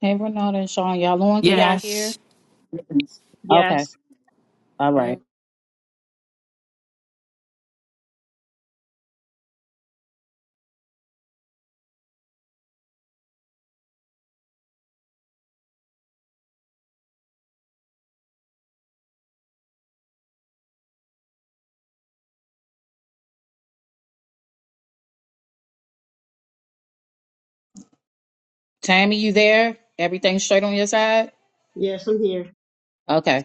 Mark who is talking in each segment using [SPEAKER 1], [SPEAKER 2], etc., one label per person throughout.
[SPEAKER 1] Hey, Renata and Sean, y'all on? Can y'all hear?
[SPEAKER 2] Yes.
[SPEAKER 1] Okay.
[SPEAKER 3] Yes.
[SPEAKER 1] All right.
[SPEAKER 2] Where?
[SPEAKER 1] Tammy, you there? Everything straight on your side?
[SPEAKER 4] Yes, I'm here.
[SPEAKER 1] Okay.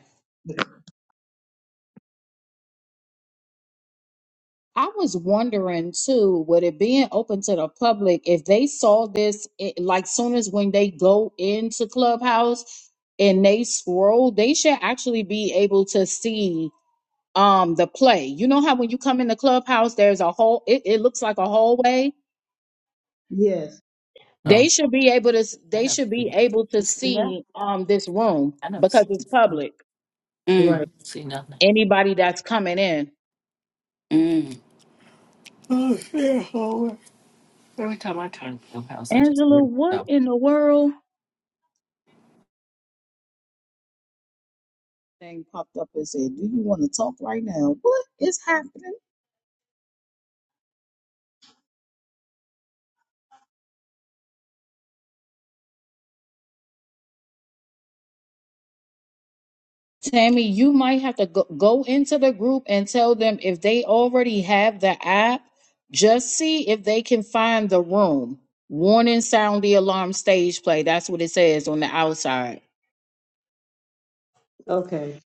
[SPEAKER 1] I was wondering too, with it being open to the public, if they saw this, it, like soon as when they go into Clubhouse and they scroll, they should actually be able to see um the play. You know how when you come into Clubhouse, there's a whole. It, it looks like a hallway.
[SPEAKER 4] Yes,
[SPEAKER 2] Oh,
[SPEAKER 1] They should be able to.
[SPEAKER 2] I
[SPEAKER 1] They
[SPEAKER 2] never
[SPEAKER 1] should
[SPEAKER 2] see
[SPEAKER 1] be
[SPEAKER 2] that.
[SPEAKER 1] able to
[SPEAKER 2] You see that?
[SPEAKER 1] see um this room
[SPEAKER 2] I never see
[SPEAKER 1] because it's
[SPEAKER 2] that.
[SPEAKER 1] public.
[SPEAKER 4] right.
[SPEAKER 2] Mm. See nothing.
[SPEAKER 1] anybody that's coming in.
[SPEAKER 2] Mm. Oh, yeah, Howard. Every time I turn to the house, I just
[SPEAKER 1] Angela,
[SPEAKER 2] read
[SPEAKER 1] what
[SPEAKER 2] stuff.
[SPEAKER 1] in the world? Thing popped up and said, Do you want to talk right now? What is happening? Tammy, you might have to go, go into the group and tell them if they already have the app, just see if they can find the room. Warning sound the alarm stage play. That's what it says on the outside.
[SPEAKER 4] Okay.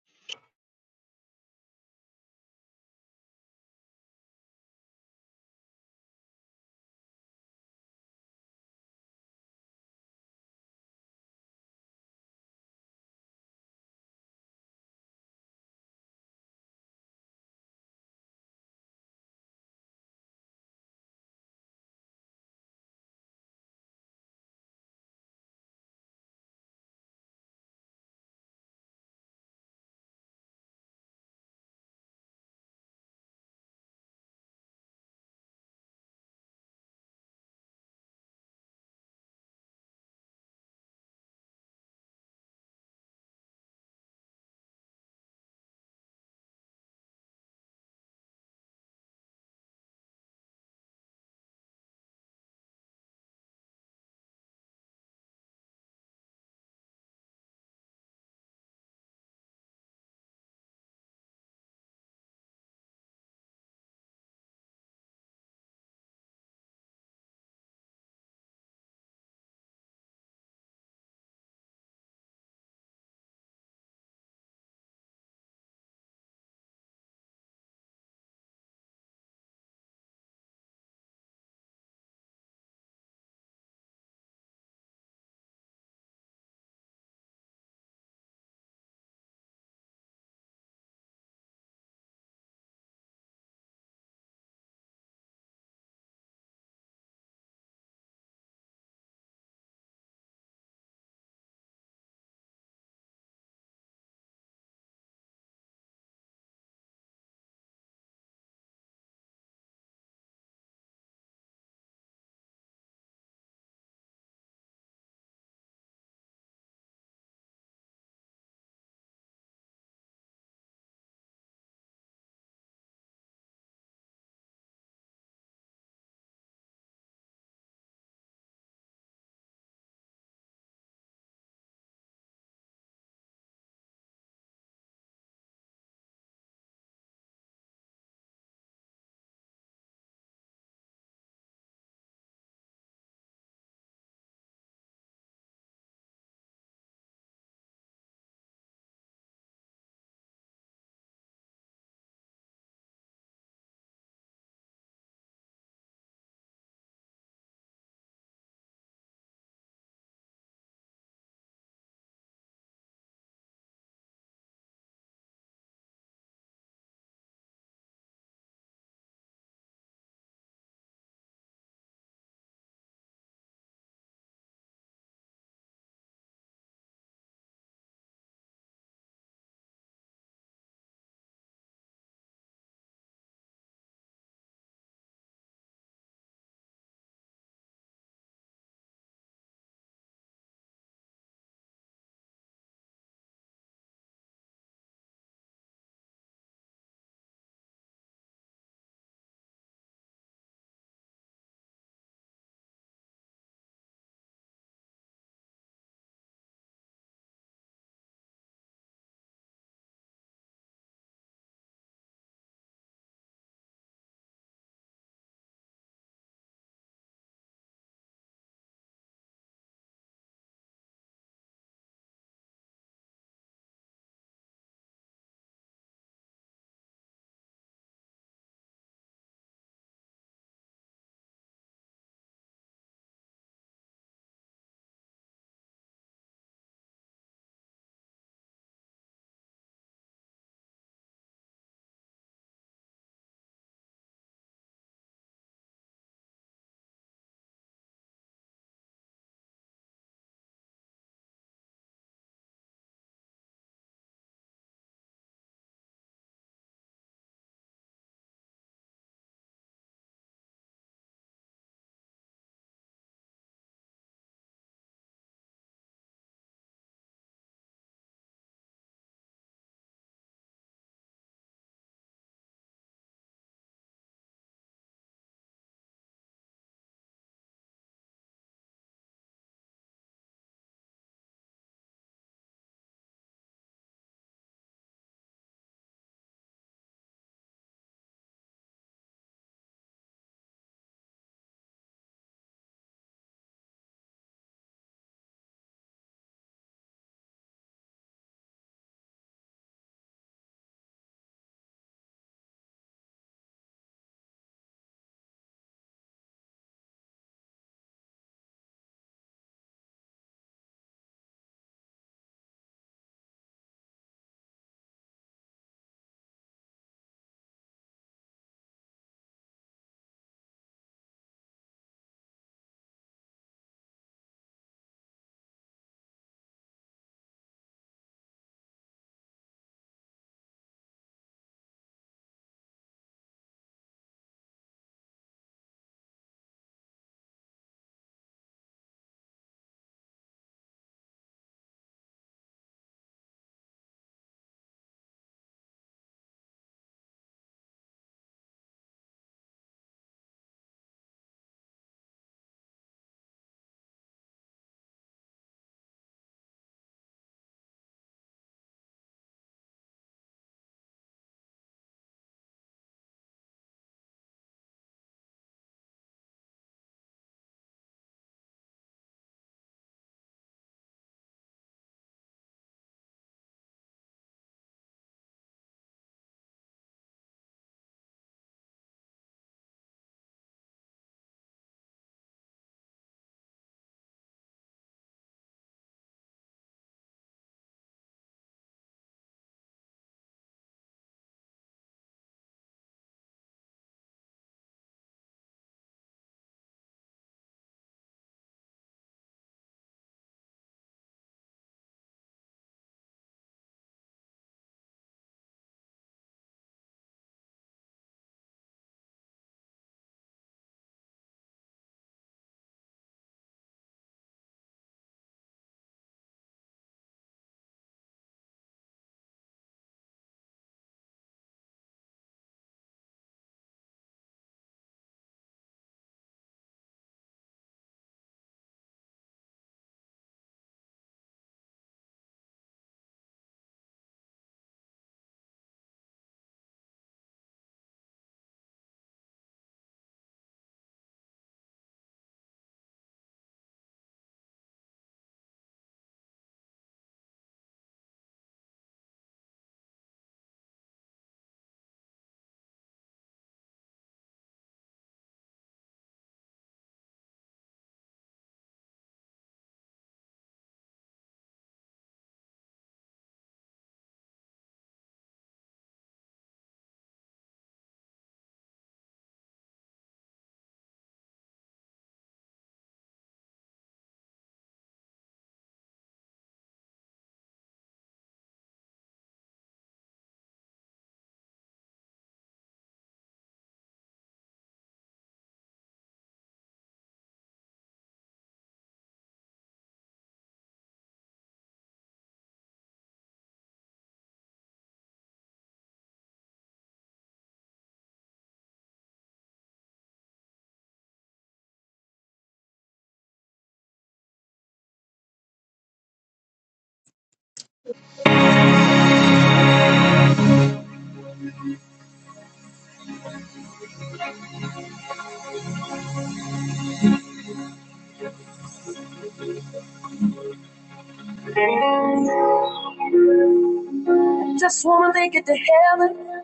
[SPEAKER 1] Just wanna make it to heaven.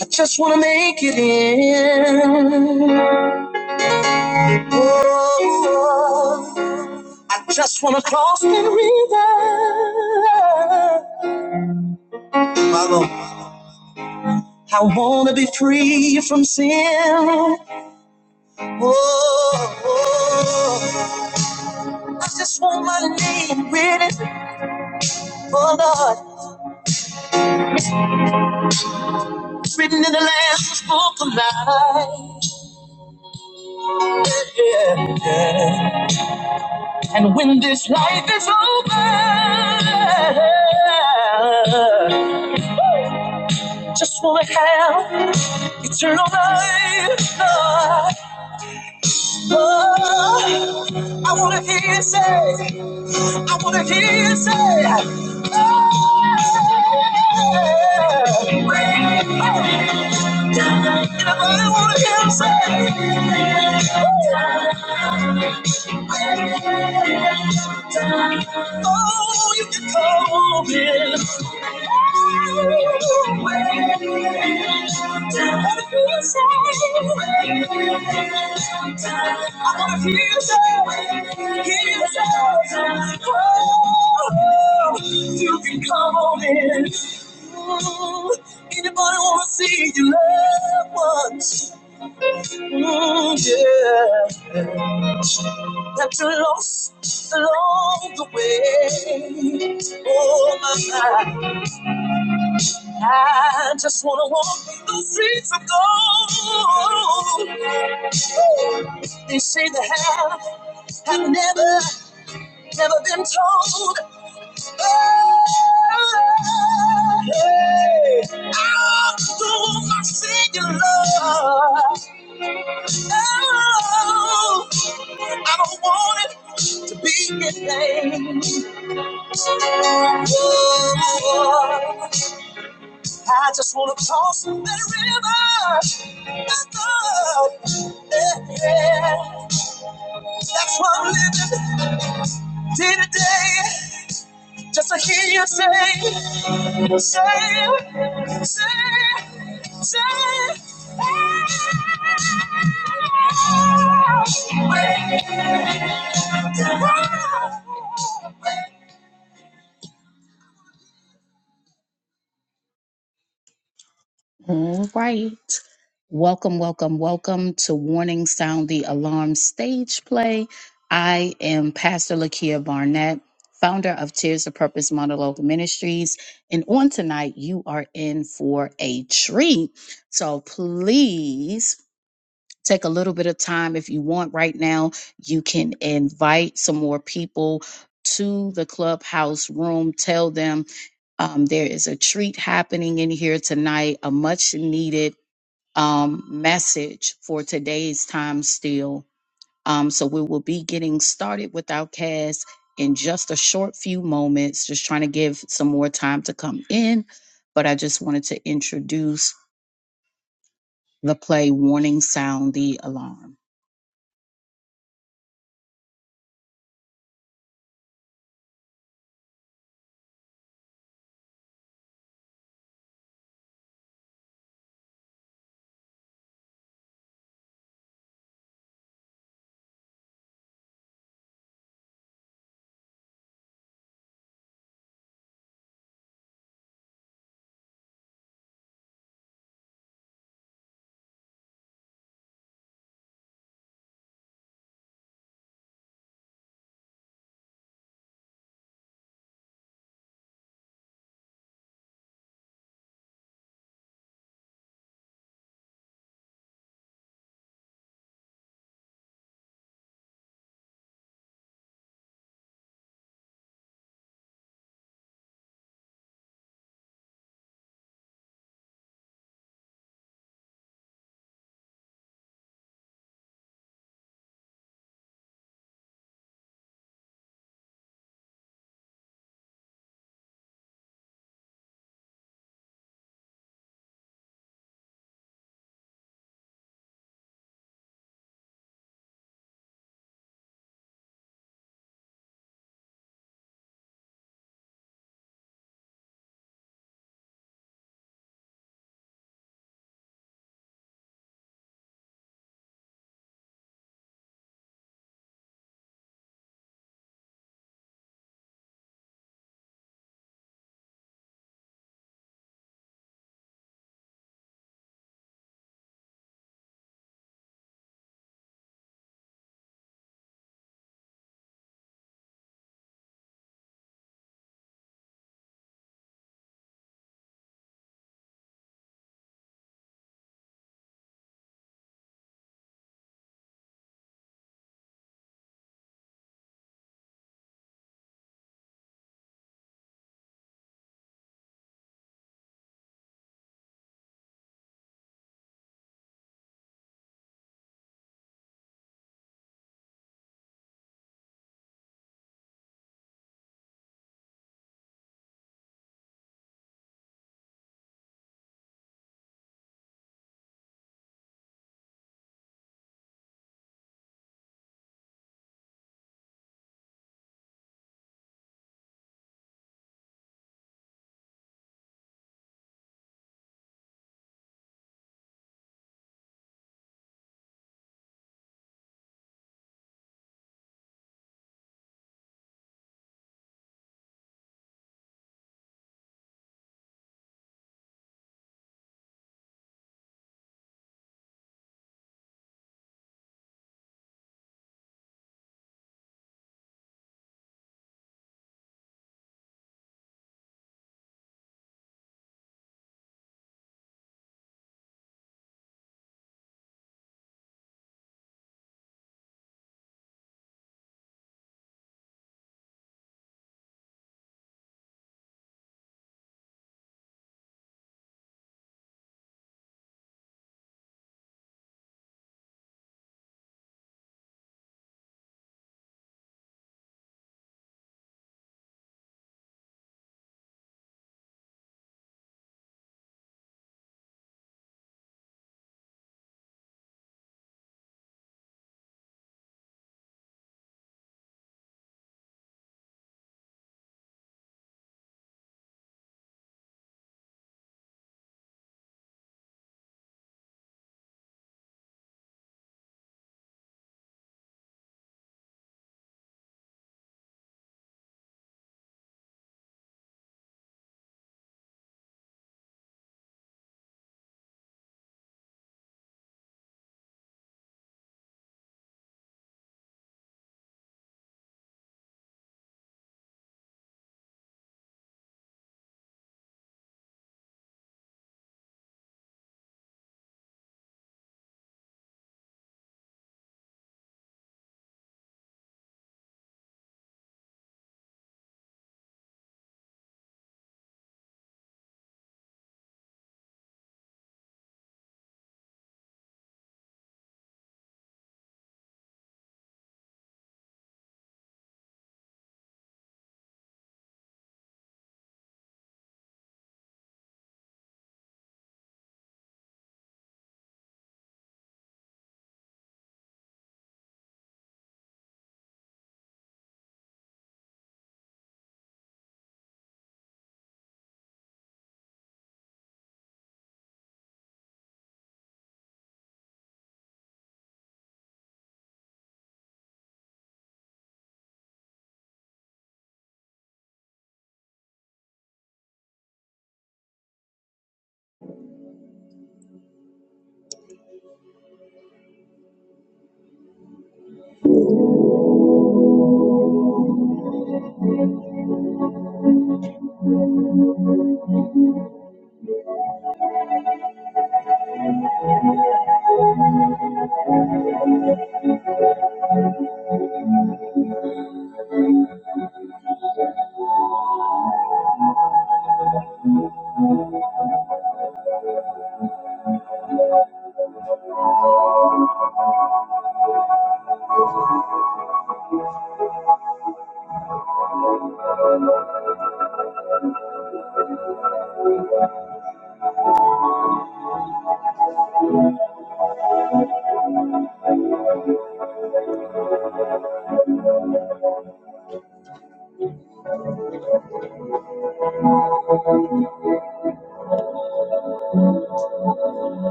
[SPEAKER 1] I just wanna make it in. Oh, I just wanna cross the river. My Lord. I wanna be free from sin. Oh, I just want my name written, oh Lord, written in the Lamb's book of life. Yeah, yeah. And when this life is over, Just wanna have eternal life, Lord. Oh, I wanna hear you say, I wanna hear you say, oh, when I'm I wanna hear you say, oh, you can call me. You can come on in. Anybody wanna see you love once? Mm, yeah, that you lost along the way. Oh my, God. I just wanna walk those streets of gold. They say they have have never, never been told. Oh, hey, I don't want my singular. Oh, I don't want it to be in vain. I just want to toss that river. That blood. Yeah, yeah. That's what I'm living day to day. Just to hear you say, say, say, say. All right. Welcome, welcome, welcome to Warning Sound the Alarm Stage Play. I am Pastor Lakia Barnett, founder of Tears of Purpose Monologue Ministries. And on tonight, you are in for a treat. So please take a little bit of time if you want right now. You can invite some more people to the clubhouse room. Tell them um, there is a treat happening in here tonight, a much needed um, message for today's time still. Um, so we will be getting started with our cast in just a short few moments, just trying to give some more time to come in. But I just wanted to introduce. The play Warning Sound the Alarm.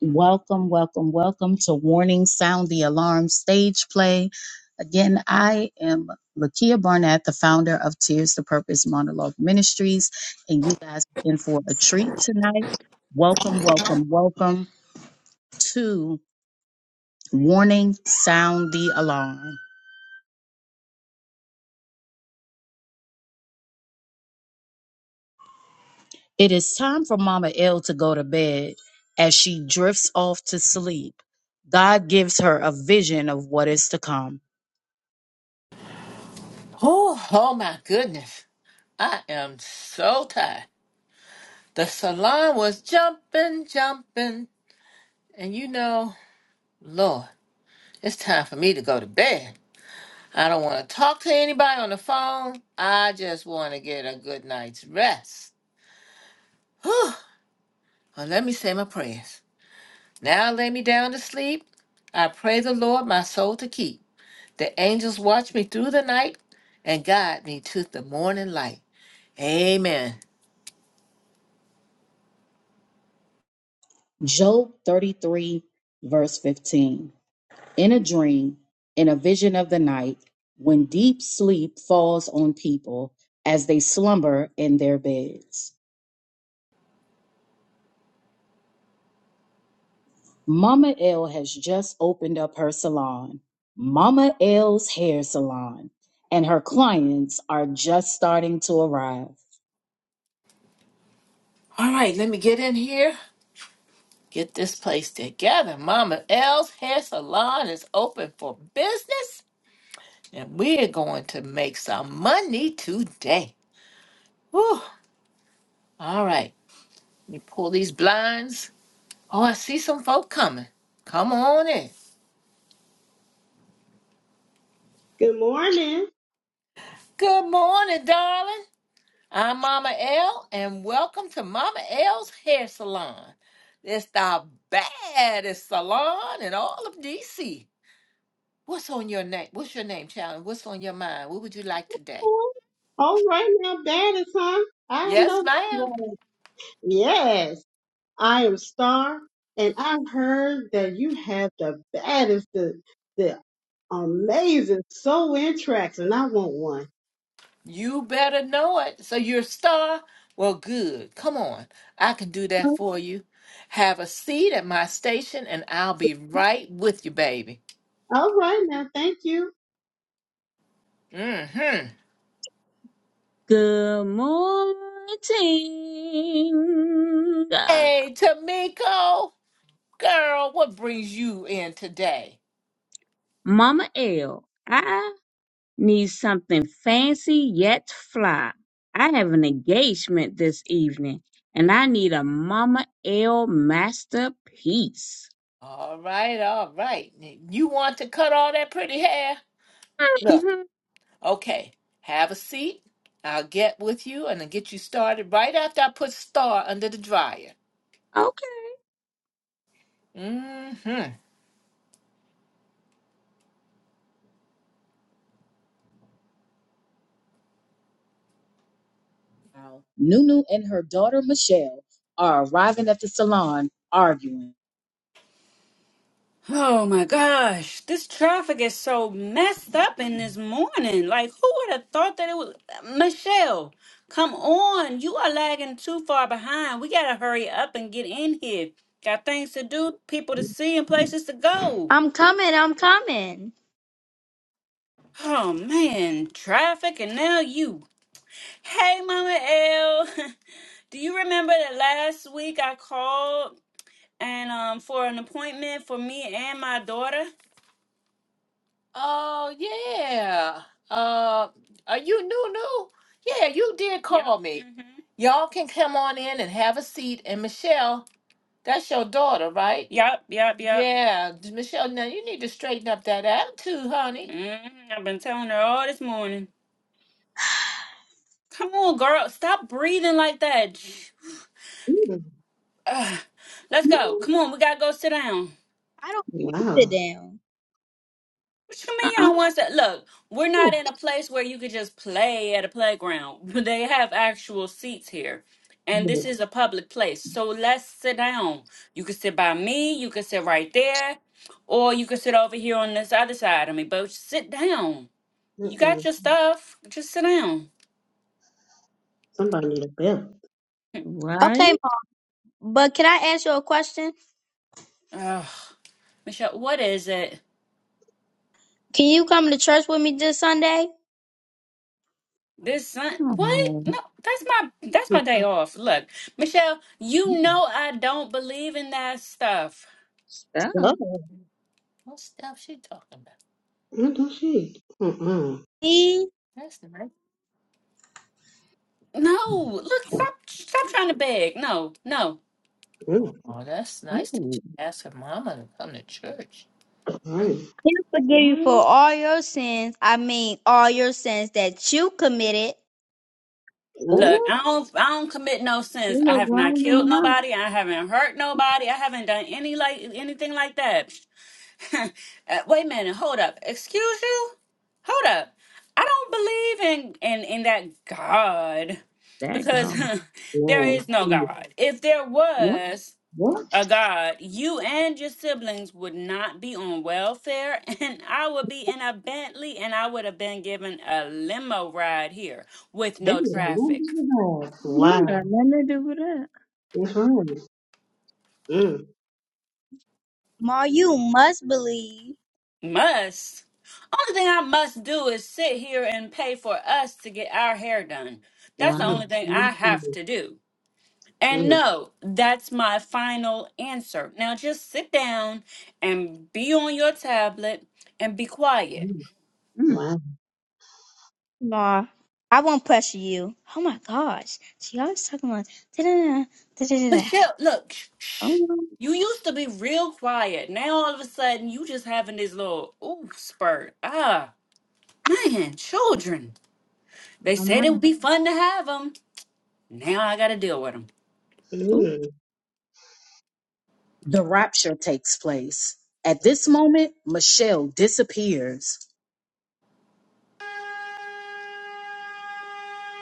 [SPEAKER 1] Welcome, welcome, welcome to Warning Sound the Alarm Stage Play. Again, I am Lakia Barnett, the founder of Tears to Purpose Monologue Ministries, and you guys are in for a treat tonight. Welcome, welcome, welcome to Warning Sound the Alarm. It is time for Mama L to go to bed as she drifts off to sleep. God gives her a vision of what is to come.
[SPEAKER 2] Oh, oh my goodness. I am so tired. The salon was jumping, jumping. And you know, Lord, it's time for me to go to bed. I don't want to talk to anybody on the phone. I just want to get a good night's rest. Whew. Well, let me say my prayers. Now I lay me down to sleep. I pray the Lord my soul to keep. The angels watch me through the night and guide me to the morning light. Amen.
[SPEAKER 1] Job 33, verse 15. In a dream, in a vision of the night, when deep sleep falls on people as they slumber in their beds. Mama L has just opened up her salon, Mama L's Hair Salon, and her clients are just starting to arrive.
[SPEAKER 2] All right, let me get in here. Get this place together. Mama L's hair salon is open for business, and we're going to make some money today. Whew. All right, let me pull these blinds. Oh, I see some folk coming. Come on in.
[SPEAKER 4] Good morning.
[SPEAKER 2] Good morning, darling. I'm Mama L, and welcome to Mama L's Hair Salon. It's the baddest salon in all of DC. What's on your name? What's your name, child? What's on your mind? What would you like today?
[SPEAKER 4] All right now, that is huh? I
[SPEAKER 2] Yes,
[SPEAKER 4] know.
[SPEAKER 2] ma'am.
[SPEAKER 4] Right. Yes, I am Star, and I've heard that you have the baddest, the the amazing sew-in tracks, and I want one.
[SPEAKER 2] You better know it. So you're a star? Well, good. Come on. I can do that for you. Have a seat at my station, and I'll be right with you, baby.
[SPEAKER 4] All right now, thank you.
[SPEAKER 2] Mm-hmm.
[SPEAKER 3] Good morning, uh,
[SPEAKER 2] Hey, Tamiko, girl, what brings you in today?
[SPEAKER 3] Mama L. I need something fancy yet fly. I have an engagement this evening, and I need a Mama L masterpiece.
[SPEAKER 2] All right, all right. You want to cut all that pretty hair? Look,
[SPEAKER 3] hmm
[SPEAKER 2] okay, have a seat. I'll get with you and I'll get you started right after I put Star under the dryer.
[SPEAKER 3] Okay.
[SPEAKER 2] Mm-hmm.
[SPEAKER 1] Wow. Nunu and her daughter Michelle are arriving at the salon arguing.
[SPEAKER 2] Oh my gosh, this traffic is so messed up in this morning. Like, who would have thought that it was Michelle? Come on, you are lagging too far behind. We gotta hurry up and get in here. Got things to do, people to see, and places to go.
[SPEAKER 1] I'm coming. I'm coming.
[SPEAKER 2] Oh man, traffic and now you. Hey Mama L. Do you remember that last week I called and um for an appointment for me and my daughter? Oh yeah. Uh, are you new new? Yeah, you did Yep. call me. Mhm. Y'all can come on in and have a seat. And Michelle, that's your daughter, right? Yep, yep, yep. Yeah, Michelle. Now you need to straighten up that attitude, honey. Mhm. I've been telling her all this morning. Come on, girl. Stop breathing like that. J-
[SPEAKER 4] Mm,
[SPEAKER 2] Ugh. Let's go.
[SPEAKER 3] Mm,
[SPEAKER 2] Come on, we gotta go sit down.
[SPEAKER 1] I don't need to sit
[SPEAKER 4] Wow.
[SPEAKER 1] down.
[SPEAKER 2] What you mean you
[SPEAKER 3] Uh-uh.
[SPEAKER 2] don't want to? Look, we're not in a place where you could just play at a playground. They have actual seats here, and
[SPEAKER 4] Mm,
[SPEAKER 2] this is a public place. So let's sit down. You can sit by me. You can sit right there, or you can sit over here on this other side of me. But sit down. You got
[SPEAKER 4] Mm-mm.
[SPEAKER 2] your stuff. Just sit down.
[SPEAKER 4] Somebody need a bell.
[SPEAKER 1] Okay,
[SPEAKER 3] Right.
[SPEAKER 1] Mom, but can I ask you a question?
[SPEAKER 2] Ugh, Michelle, what is it?
[SPEAKER 1] Can you come to church with me this Sunday?
[SPEAKER 2] This Sun what?
[SPEAKER 3] Oh,
[SPEAKER 2] No, that's my that's my day off. Look, Michelle, you
[SPEAKER 4] Mm,
[SPEAKER 2] know I don't believe in that stuff.
[SPEAKER 3] stuff.
[SPEAKER 4] Stop.
[SPEAKER 2] What stuff she talking about?
[SPEAKER 4] Mm, Don't she? Mm-mm.
[SPEAKER 1] He
[SPEAKER 2] That's nice. No, look, stop, stop trying to beg. No, no. Oh,
[SPEAKER 4] Mm,
[SPEAKER 2] that's nice that
[SPEAKER 3] Oh,
[SPEAKER 2] you asked her mama to come to church.
[SPEAKER 4] All
[SPEAKER 2] Mm.
[SPEAKER 4] right.
[SPEAKER 1] will forgive you for
[SPEAKER 3] right.
[SPEAKER 1] all your sins. I mean, all your sins that you committed.
[SPEAKER 3] Oh,
[SPEAKER 2] Look,
[SPEAKER 4] Ooh,
[SPEAKER 2] I don't, I don't commit no
[SPEAKER 3] she
[SPEAKER 2] sins. I
[SPEAKER 3] look
[SPEAKER 2] have not
[SPEAKER 3] round in the
[SPEAKER 2] killed
[SPEAKER 3] mouth.
[SPEAKER 2] nobody. I haven't hurt nobody. I haven't done any like anything like that. Uh, wait a minute, hold up. Excuse you? Hold up. I don't believe in in in that God
[SPEAKER 3] That
[SPEAKER 2] because
[SPEAKER 3] go.
[SPEAKER 2] there
[SPEAKER 4] yeah.
[SPEAKER 2] is no
[SPEAKER 4] Mm,
[SPEAKER 2] God. If there
[SPEAKER 3] What?
[SPEAKER 2] was
[SPEAKER 4] What?
[SPEAKER 2] a God, you and your siblings would not be on welfare, and I would be in a Bentley, and I would have been given a limo ride here with
[SPEAKER 4] They did
[SPEAKER 2] no
[SPEAKER 4] a
[SPEAKER 2] traffic.
[SPEAKER 4] number of that. Wow.
[SPEAKER 3] Yeah, nothing to do with that.
[SPEAKER 4] It's right. Mm,
[SPEAKER 1] Ma, you must believe.
[SPEAKER 2] Must. Only thing I must do is sit here and pay for us to get our hair done. That's the
[SPEAKER 4] mm,
[SPEAKER 3] Wow.
[SPEAKER 2] only thing
[SPEAKER 4] mm,
[SPEAKER 2] I have
[SPEAKER 4] mm,
[SPEAKER 2] to do. And
[SPEAKER 4] mm,
[SPEAKER 2] no, that's my final answer. Now just sit down and be on your tablet and be quiet.
[SPEAKER 4] mm.
[SPEAKER 3] Mm.
[SPEAKER 4] Wow.
[SPEAKER 1] Ma, I won't pressure you. Oh my gosh. She always talking about da-da-da, da-da-da-da.
[SPEAKER 2] Michelle, look, shh,
[SPEAKER 3] Oh,
[SPEAKER 2] shh.
[SPEAKER 3] wow.
[SPEAKER 2] you used to be real quiet. Now all of a sudden you just having this little ooh spurt. Ah, man, children. They
[SPEAKER 3] oh my.
[SPEAKER 2] said it would
[SPEAKER 3] mind.
[SPEAKER 2] be fun to have them. Now I gotta deal with them.
[SPEAKER 3] Ooh,
[SPEAKER 4] Mm.
[SPEAKER 1] The rapture takes place. At this moment, Michelle disappears.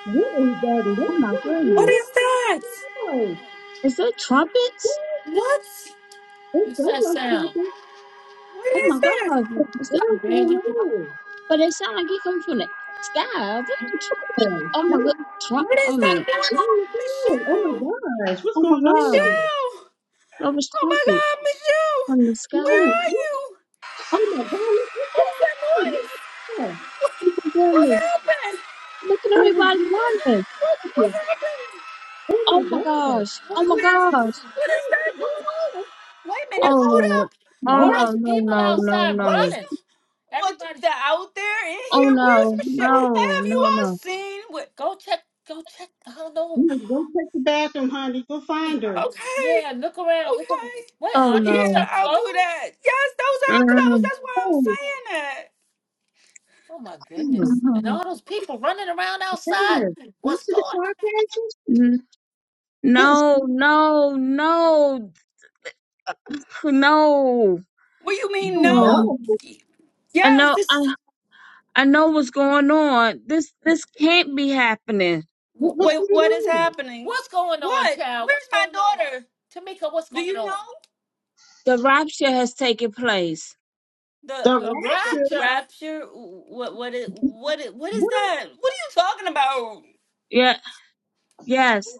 [SPEAKER 4] What is that? What
[SPEAKER 3] oh my
[SPEAKER 4] what is
[SPEAKER 2] What
[SPEAKER 4] going
[SPEAKER 3] goodness.
[SPEAKER 2] is that?
[SPEAKER 4] on?
[SPEAKER 3] Is there trumpets?
[SPEAKER 2] What?
[SPEAKER 4] It's
[SPEAKER 2] What's that
[SPEAKER 4] almost
[SPEAKER 2] sound?
[SPEAKER 4] happened.
[SPEAKER 2] What
[SPEAKER 3] Oh
[SPEAKER 2] is
[SPEAKER 3] my
[SPEAKER 2] that?
[SPEAKER 3] God. Is that,
[SPEAKER 4] What's going
[SPEAKER 2] Barely-
[SPEAKER 4] on?
[SPEAKER 3] but it sounds like it comes from the sky. Are there trumpets?
[SPEAKER 4] Hey,
[SPEAKER 3] Oh
[SPEAKER 4] how
[SPEAKER 3] my God.
[SPEAKER 4] do-
[SPEAKER 3] Trump.
[SPEAKER 2] What is
[SPEAKER 3] Oh
[SPEAKER 2] that
[SPEAKER 3] man.
[SPEAKER 2] going
[SPEAKER 4] What are
[SPEAKER 2] on?
[SPEAKER 4] you doing? Oh
[SPEAKER 2] Michelle!
[SPEAKER 4] my gosh. What's
[SPEAKER 3] Oh my
[SPEAKER 4] going
[SPEAKER 3] God.
[SPEAKER 4] on?
[SPEAKER 2] Michelle!
[SPEAKER 3] There was
[SPEAKER 2] Oh my
[SPEAKER 3] trumpets
[SPEAKER 2] god, Michelle!
[SPEAKER 3] from the sky.
[SPEAKER 2] Where
[SPEAKER 4] Oh,
[SPEAKER 3] Oh
[SPEAKER 2] are
[SPEAKER 4] what?
[SPEAKER 2] you?
[SPEAKER 4] Oh my God. What's
[SPEAKER 2] What is
[SPEAKER 4] going
[SPEAKER 2] that
[SPEAKER 4] on?
[SPEAKER 2] noise?
[SPEAKER 4] Hey,
[SPEAKER 3] my
[SPEAKER 2] What
[SPEAKER 3] goodness.
[SPEAKER 2] happened?
[SPEAKER 3] Look at
[SPEAKER 4] What is
[SPEAKER 3] everybody
[SPEAKER 4] that?
[SPEAKER 2] What
[SPEAKER 3] running.
[SPEAKER 2] happened? What, what happened?
[SPEAKER 4] Oh,
[SPEAKER 3] Oh
[SPEAKER 4] my
[SPEAKER 3] my
[SPEAKER 4] God.
[SPEAKER 3] gosh.
[SPEAKER 2] What,
[SPEAKER 3] Oh my
[SPEAKER 4] Oh
[SPEAKER 2] where
[SPEAKER 4] my
[SPEAKER 3] gosh.
[SPEAKER 2] is, what is that
[SPEAKER 4] God.
[SPEAKER 2] going on? Wait a
[SPEAKER 4] Oh
[SPEAKER 2] minute,
[SPEAKER 4] my
[SPEAKER 3] Oh
[SPEAKER 4] God.
[SPEAKER 2] hold
[SPEAKER 3] no.
[SPEAKER 2] up.
[SPEAKER 3] Oh
[SPEAKER 2] All
[SPEAKER 4] Wonderful.
[SPEAKER 2] What-
[SPEAKER 3] no.
[SPEAKER 2] those people
[SPEAKER 3] No. No. No.
[SPEAKER 2] outside what is
[SPEAKER 3] No.
[SPEAKER 2] running. that- What Everybody. they're out there in
[SPEAKER 3] Oh
[SPEAKER 2] here? Where's
[SPEAKER 3] no.
[SPEAKER 2] Michelle?
[SPEAKER 3] No.
[SPEAKER 2] Have you
[SPEAKER 3] No.
[SPEAKER 2] all
[SPEAKER 3] No.
[SPEAKER 2] seen what? Go check. Go check. I don't
[SPEAKER 4] You
[SPEAKER 2] know.
[SPEAKER 4] go take the bathroom, honey. Go find her.
[SPEAKER 2] Okay. Yeah, look around. Look around. Okay. What
[SPEAKER 3] Oh
[SPEAKER 2] aren't these Yeah,
[SPEAKER 3] no.
[SPEAKER 2] your I'll do clothes? that. Yes, those are her clothes.
[SPEAKER 3] Mm.
[SPEAKER 2] That's why I'm
[SPEAKER 4] Oh,
[SPEAKER 2] saying that. Oh my
[SPEAKER 4] oh,
[SPEAKER 2] goodness! And all those people running around outside.
[SPEAKER 4] there. Went
[SPEAKER 2] What's
[SPEAKER 4] to the
[SPEAKER 2] going?
[SPEAKER 4] car
[SPEAKER 2] on?
[SPEAKER 4] crashes? What is-
[SPEAKER 3] No, no, no, no.
[SPEAKER 2] What do you mean
[SPEAKER 3] Oh,
[SPEAKER 2] no?
[SPEAKER 4] No.
[SPEAKER 3] I
[SPEAKER 2] Yes,
[SPEAKER 3] know, I,
[SPEAKER 2] this
[SPEAKER 3] I know what's going on. This, this can't be happening.
[SPEAKER 4] What, what's
[SPEAKER 2] wait,
[SPEAKER 4] going
[SPEAKER 2] what is
[SPEAKER 4] on?
[SPEAKER 2] happening? What's going on, What? child? What's Where's What's my going on, daughter? Tamika? What's Do going you on? know?
[SPEAKER 3] The rapture has taken place.
[SPEAKER 2] The
[SPEAKER 4] The
[SPEAKER 2] The the
[SPEAKER 4] rapture?
[SPEAKER 2] rapture. rapture? What what is what is, what is
[SPEAKER 4] What?
[SPEAKER 2] that? What are you talking about?
[SPEAKER 3] Yeah, yes,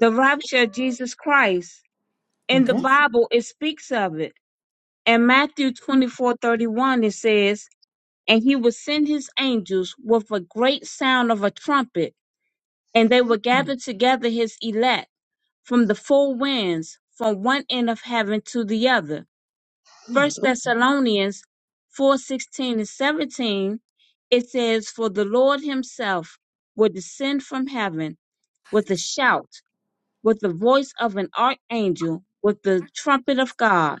[SPEAKER 3] the rapture of Jesus Christ.
[SPEAKER 4] The
[SPEAKER 3] In the
[SPEAKER 4] rapture?
[SPEAKER 3] Bible, it speaks of it. In Matthew twenty-four thirty-one, it says, And he will send his angels with a great sound of a trumpet And they will gather together his elect from the four winds, from one end of heaven to the other. First Thessalonians four sixteen and seventeen, it says, For the Lord himself will descend from heaven with a shout, with the voice of an archangel, with the trumpet of God,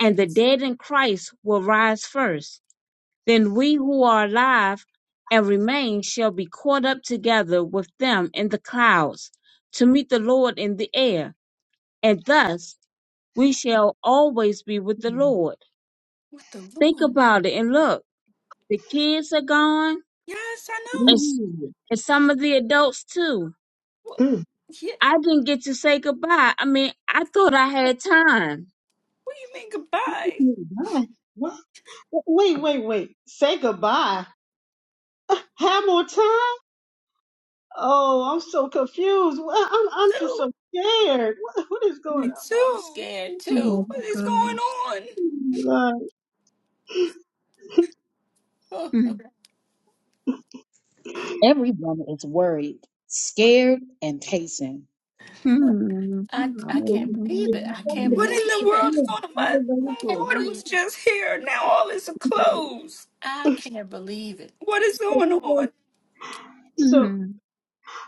[SPEAKER 3] and the dead in Christ will rise first. Then we who are alive and remain shall be caught up together with them in the clouds to meet the Lord in the air, and thus we shall always be with the Lord.
[SPEAKER 2] What the
[SPEAKER 3] Think
[SPEAKER 2] Lord?
[SPEAKER 3] about it and look, the kids are gone
[SPEAKER 2] Yes, I
[SPEAKER 3] and,
[SPEAKER 2] know.
[SPEAKER 3] s-
[SPEAKER 4] Mm.
[SPEAKER 3] and some of the adults too.
[SPEAKER 2] What?
[SPEAKER 4] Mm.
[SPEAKER 2] Yeah.
[SPEAKER 3] I didn't get to say goodbye. I mean, I thought I had time.
[SPEAKER 2] What do you mean goodbye?
[SPEAKER 4] Goodbye. What? Wait, wait, wait. Say goodbye. Have more time? Oh, I'm so confused. Well, I'm, I'm just
[SPEAKER 2] Too.
[SPEAKER 4] so scared. What, what is going
[SPEAKER 2] Me I'm too. I'm scared too.
[SPEAKER 3] Oh
[SPEAKER 2] What is going
[SPEAKER 3] gosh.
[SPEAKER 2] on?
[SPEAKER 4] on? Oh,
[SPEAKER 2] Oh,
[SPEAKER 4] my God.
[SPEAKER 1] Everyone is worried, scared, and pacing.
[SPEAKER 2] what? I I can't believe it. I can't What in the believe world it. is going on? My, my can't daughter believe was it. just here. Now all is closed. I can't believe it. What is going on?
[SPEAKER 4] So,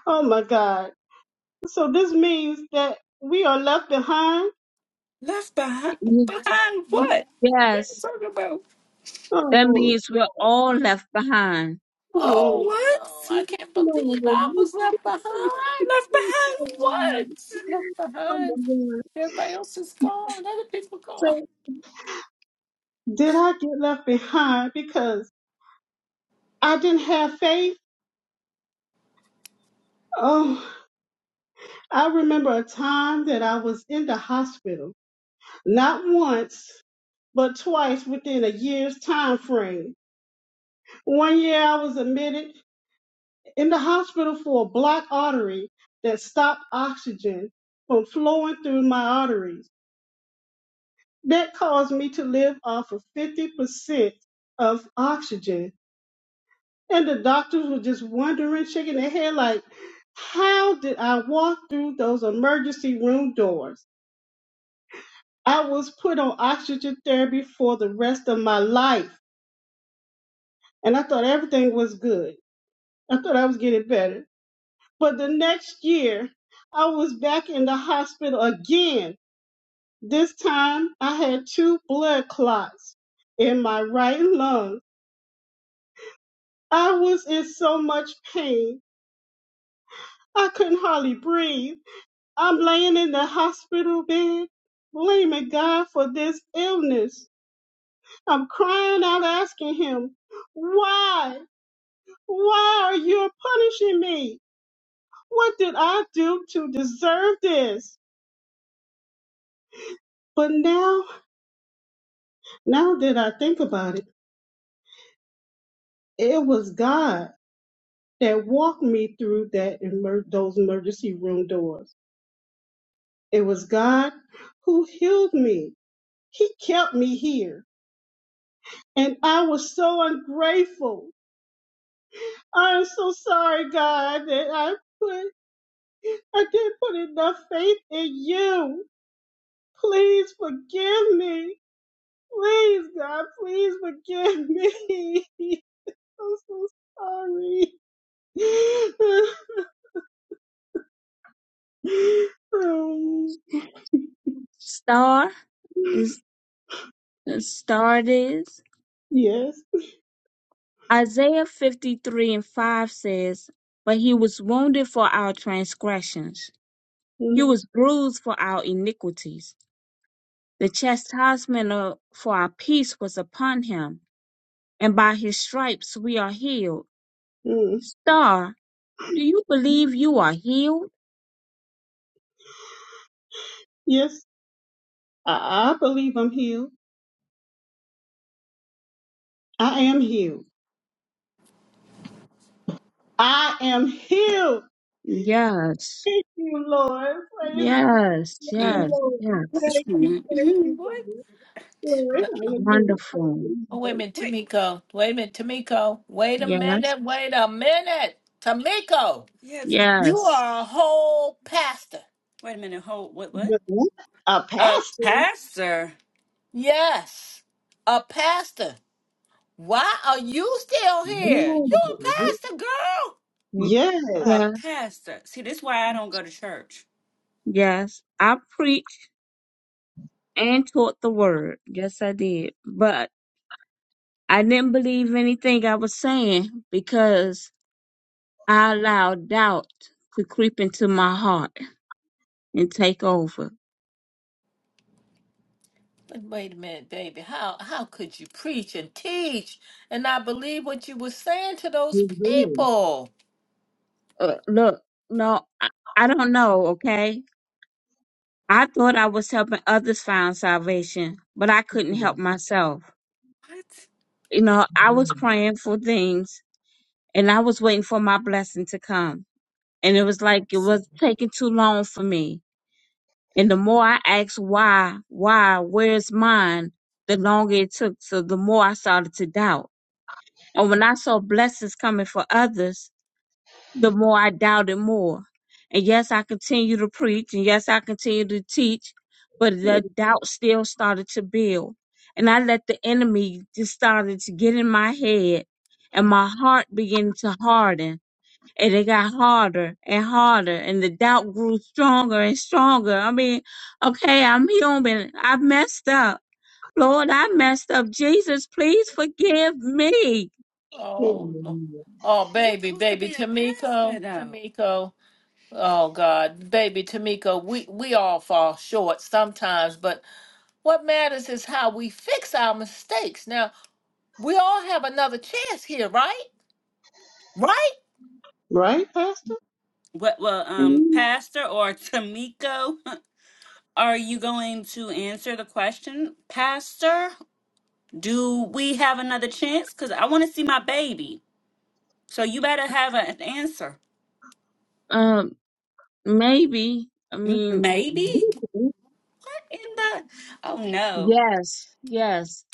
[SPEAKER 4] oh my God. So this means that we are left behind.
[SPEAKER 2] Left behind? Behind what? What are you
[SPEAKER 3] yes,
[SPEAKER 2] talking about?
[SPEAKER 3] That
[SPEAKER 4] Oh
[SPEAKER 3] means we're all left behind.
[SPEAKER 4] no, no.
[SPEAKER 2] Oh, What? wow. I can't believe I was left behind. Left behind what? Left
[SPEAKER 4] Oh my
[SPEAKER 2] behind.
[SPEAKER 4] God.
[SPEAKER 2] Everybody else is gone. Other people gone.
[SPEAKER 4] But did I get left behind because I didn't have faith? Oh, I remember a time that I was in the hospital, not once, but twice within a year's time frame. One year I was admitted in the hospital for a blocked artery that stopped oxygen from flowing through my arteries. That caused me to live off of 50% of oxygen. And the doctors were just wondering, shaking their head like, how did I walk through those emergency room doors? I was put on oxygen therapy for the rest of my life. And I thought everything was good. I thought I was getting better. But the next year, I was back in the hospital again. This time, I had two blood clots in my right lung. I was in so much pain, I couldn't hardly breathe. I'm laying in the hospital bed, blaming God for this illness. I'm crying out, asking Him, Why? Why are you punishing me? What did I do to deserve this? But now, now that I think about it, It was God that walked me through that emer- those emergency room doors. It was God who healed me. He kept me here. And I was so ungrateful. I'm so sorry, God, that I put I didn't put enough faith in you. Please forgive me. Please, God, please forgive me. I'm so sorry. um,
[SPEAKER 3] Star is star it is.
[SPEAKER 4] yes.
[SPEAKER 3] Isaiah 53 and 5 says, But he was wounded for our transgressions, he was bruised for our iniquities. The chastisement of, for our peace was upon him, and by his stripes we are healed.
[SPEAKER 4] Mm.
[SPEAKER 3] Star, do you believe you are healed?
[SPEAKER 4] Yes, I, I believe I'm healed. I am healed. I am healed.
[SPEAKER 3] Yes,
[SPEAKER 4] Thank you, Lord. Praise
[SPEAKER 3] yes,
[SPEAKER 4] the
[SPEAKER 2] Mm.
[SPEAKER 3] yes,
[SPEAKER 4] Lord.
[SPEAKER 3] yes.
[SPEAKER 4] Thank you,
[SPEAKER 2] excuse
[SPEAKER 4] thank
[SPEAKER 2] me.
[SPEAKER 4] you,
[SPEAKER 2] what?
[SPEAKER 4] Lord. Glory,
[SPEAKER 2] But,
[SPEAKER 4] hallelujah. Thank
[SPEAKER 3] Wonderful.
[SPEAKER 4] you,
[SPEAKER 2] oh, wait a
[SPEAKER 4] Lord.
[SPEAKER 2] minute, Wait. Tamiko. Wait a minute, Tamiko. Wait a
[SPEAKER 3] Yes.
[SPEAKER 2] minute. Wait a minute. Tamiko, Yeah, it's you
[SPEAKER 3] Yes.
[SPEAKER 2] are a whole pastor. Wait a minute. Hold. What? What?
[SPEAKER 4] Yes, A
[SPEAKER 2] A
[SPEAKER 4] pastor.
[SPEAKER 2] Pastor. Yes, a pastor. Why are you still here?
[SPEAKER 4] Lord.
[SPEAKER 2] You a pastor, girl?
[SPEAKER 3] Y-
[SPEAKER 2] A
[SPEAKER 4] Yes.
[SPEAKER 3] Yes.
[SPEAKER 2] pastor, see, this why I don't go to church.
[SPEAKER 3] Yes. I preached and taught the word. Yes, I did. But I didn't believe anything I was saying because I allowed doubt to creep into my heart and take over.
[SPEAKER 2] But wait a minute, baby. How how could you preach and teach and not believe what you were saying to those
[SPEAKER 4] Amen.
[SPEAKER 2] people?
[SPEAKER 3] Uh, look, no, I, I don't know, okay? I thought I was helping others find salvation, but I couldn't help myself.
[SPEAKER 2] What?
[SPEAKER 3] You know, I was praying for things and I was waiting for my blessing to come and it
[SPEAKER 2] You
[SPEAKER 3] was like it was taking too long for me. And the more I asked why, why, where's mine, the longer it took. So the more I started to doubt. And when I saw blessings coming for others, the more I doubted more. And yes, I continue to preach and yes, I continue to teach, but the doubt still started to build. And I let the enemy just started to get in my head and my heart began to harden and it got harder and harder and the doubt grew stronger and stronger. I mean, okay, I'm human. I messed up. Lord, I messed up. Jesus, please forgive me.
[SPEAKER 2] Oh no. Oh You baby, supposed to baby be a Tamiko, pastor, though. Tamiko. Oh God, baby Tamiko, we we all fall short sometimes, but what matters is how we fix our mistakes. Now, We all have another chance here, right? Right?
[SPEAKER 4] Right, Pastor?
[SPEAKER 2] What, well, um,
[SPEAKER 3] Mhm.
[SPEAKER 2] Pastor or Tamiko, are you going to answer the question? Pastor, do we have another chance? Because I want to see my baby. So you better have a- an answer.
[SPEAKER 3] Um, maybe. I mean,
[SPEAKER 2] Maybe? What in the? Oh, no.
[SPEAKER 3] yes, yes,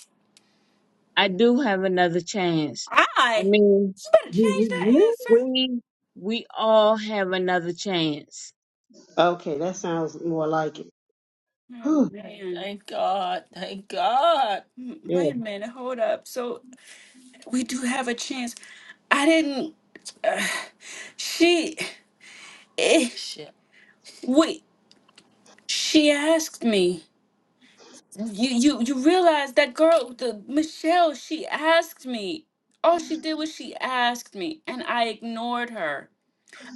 [SPEAKER 3] I do have another chance. I
[SPEAKER 2] I?
[SPEAKER 3] mean,
[SPEAKER 2] You better
[SPEAKER 4] You-
[SPEAKER 2] change
[SPEAKER 4] you-
[SPEAKER 2] that
[SPEAKER 4] you?
[SPEAKER 2] answer.
[SPEAKER 3] we we all have another chance.
[SPEAKER 4] Okay, that sounds more like it.
[SPEAKER 2] Oh,
[SPEAKER 4] Whew.
[SPEAKER 2] man. Thank God. Thank God. Mm, Wait a minute, hold up. So we do have a chance. I didn't. Uh, she. eh, Shit. Wait, she asked me. You you you realize that girl, the Michelle, she asked me. All she did was she asked me, and I ignored her.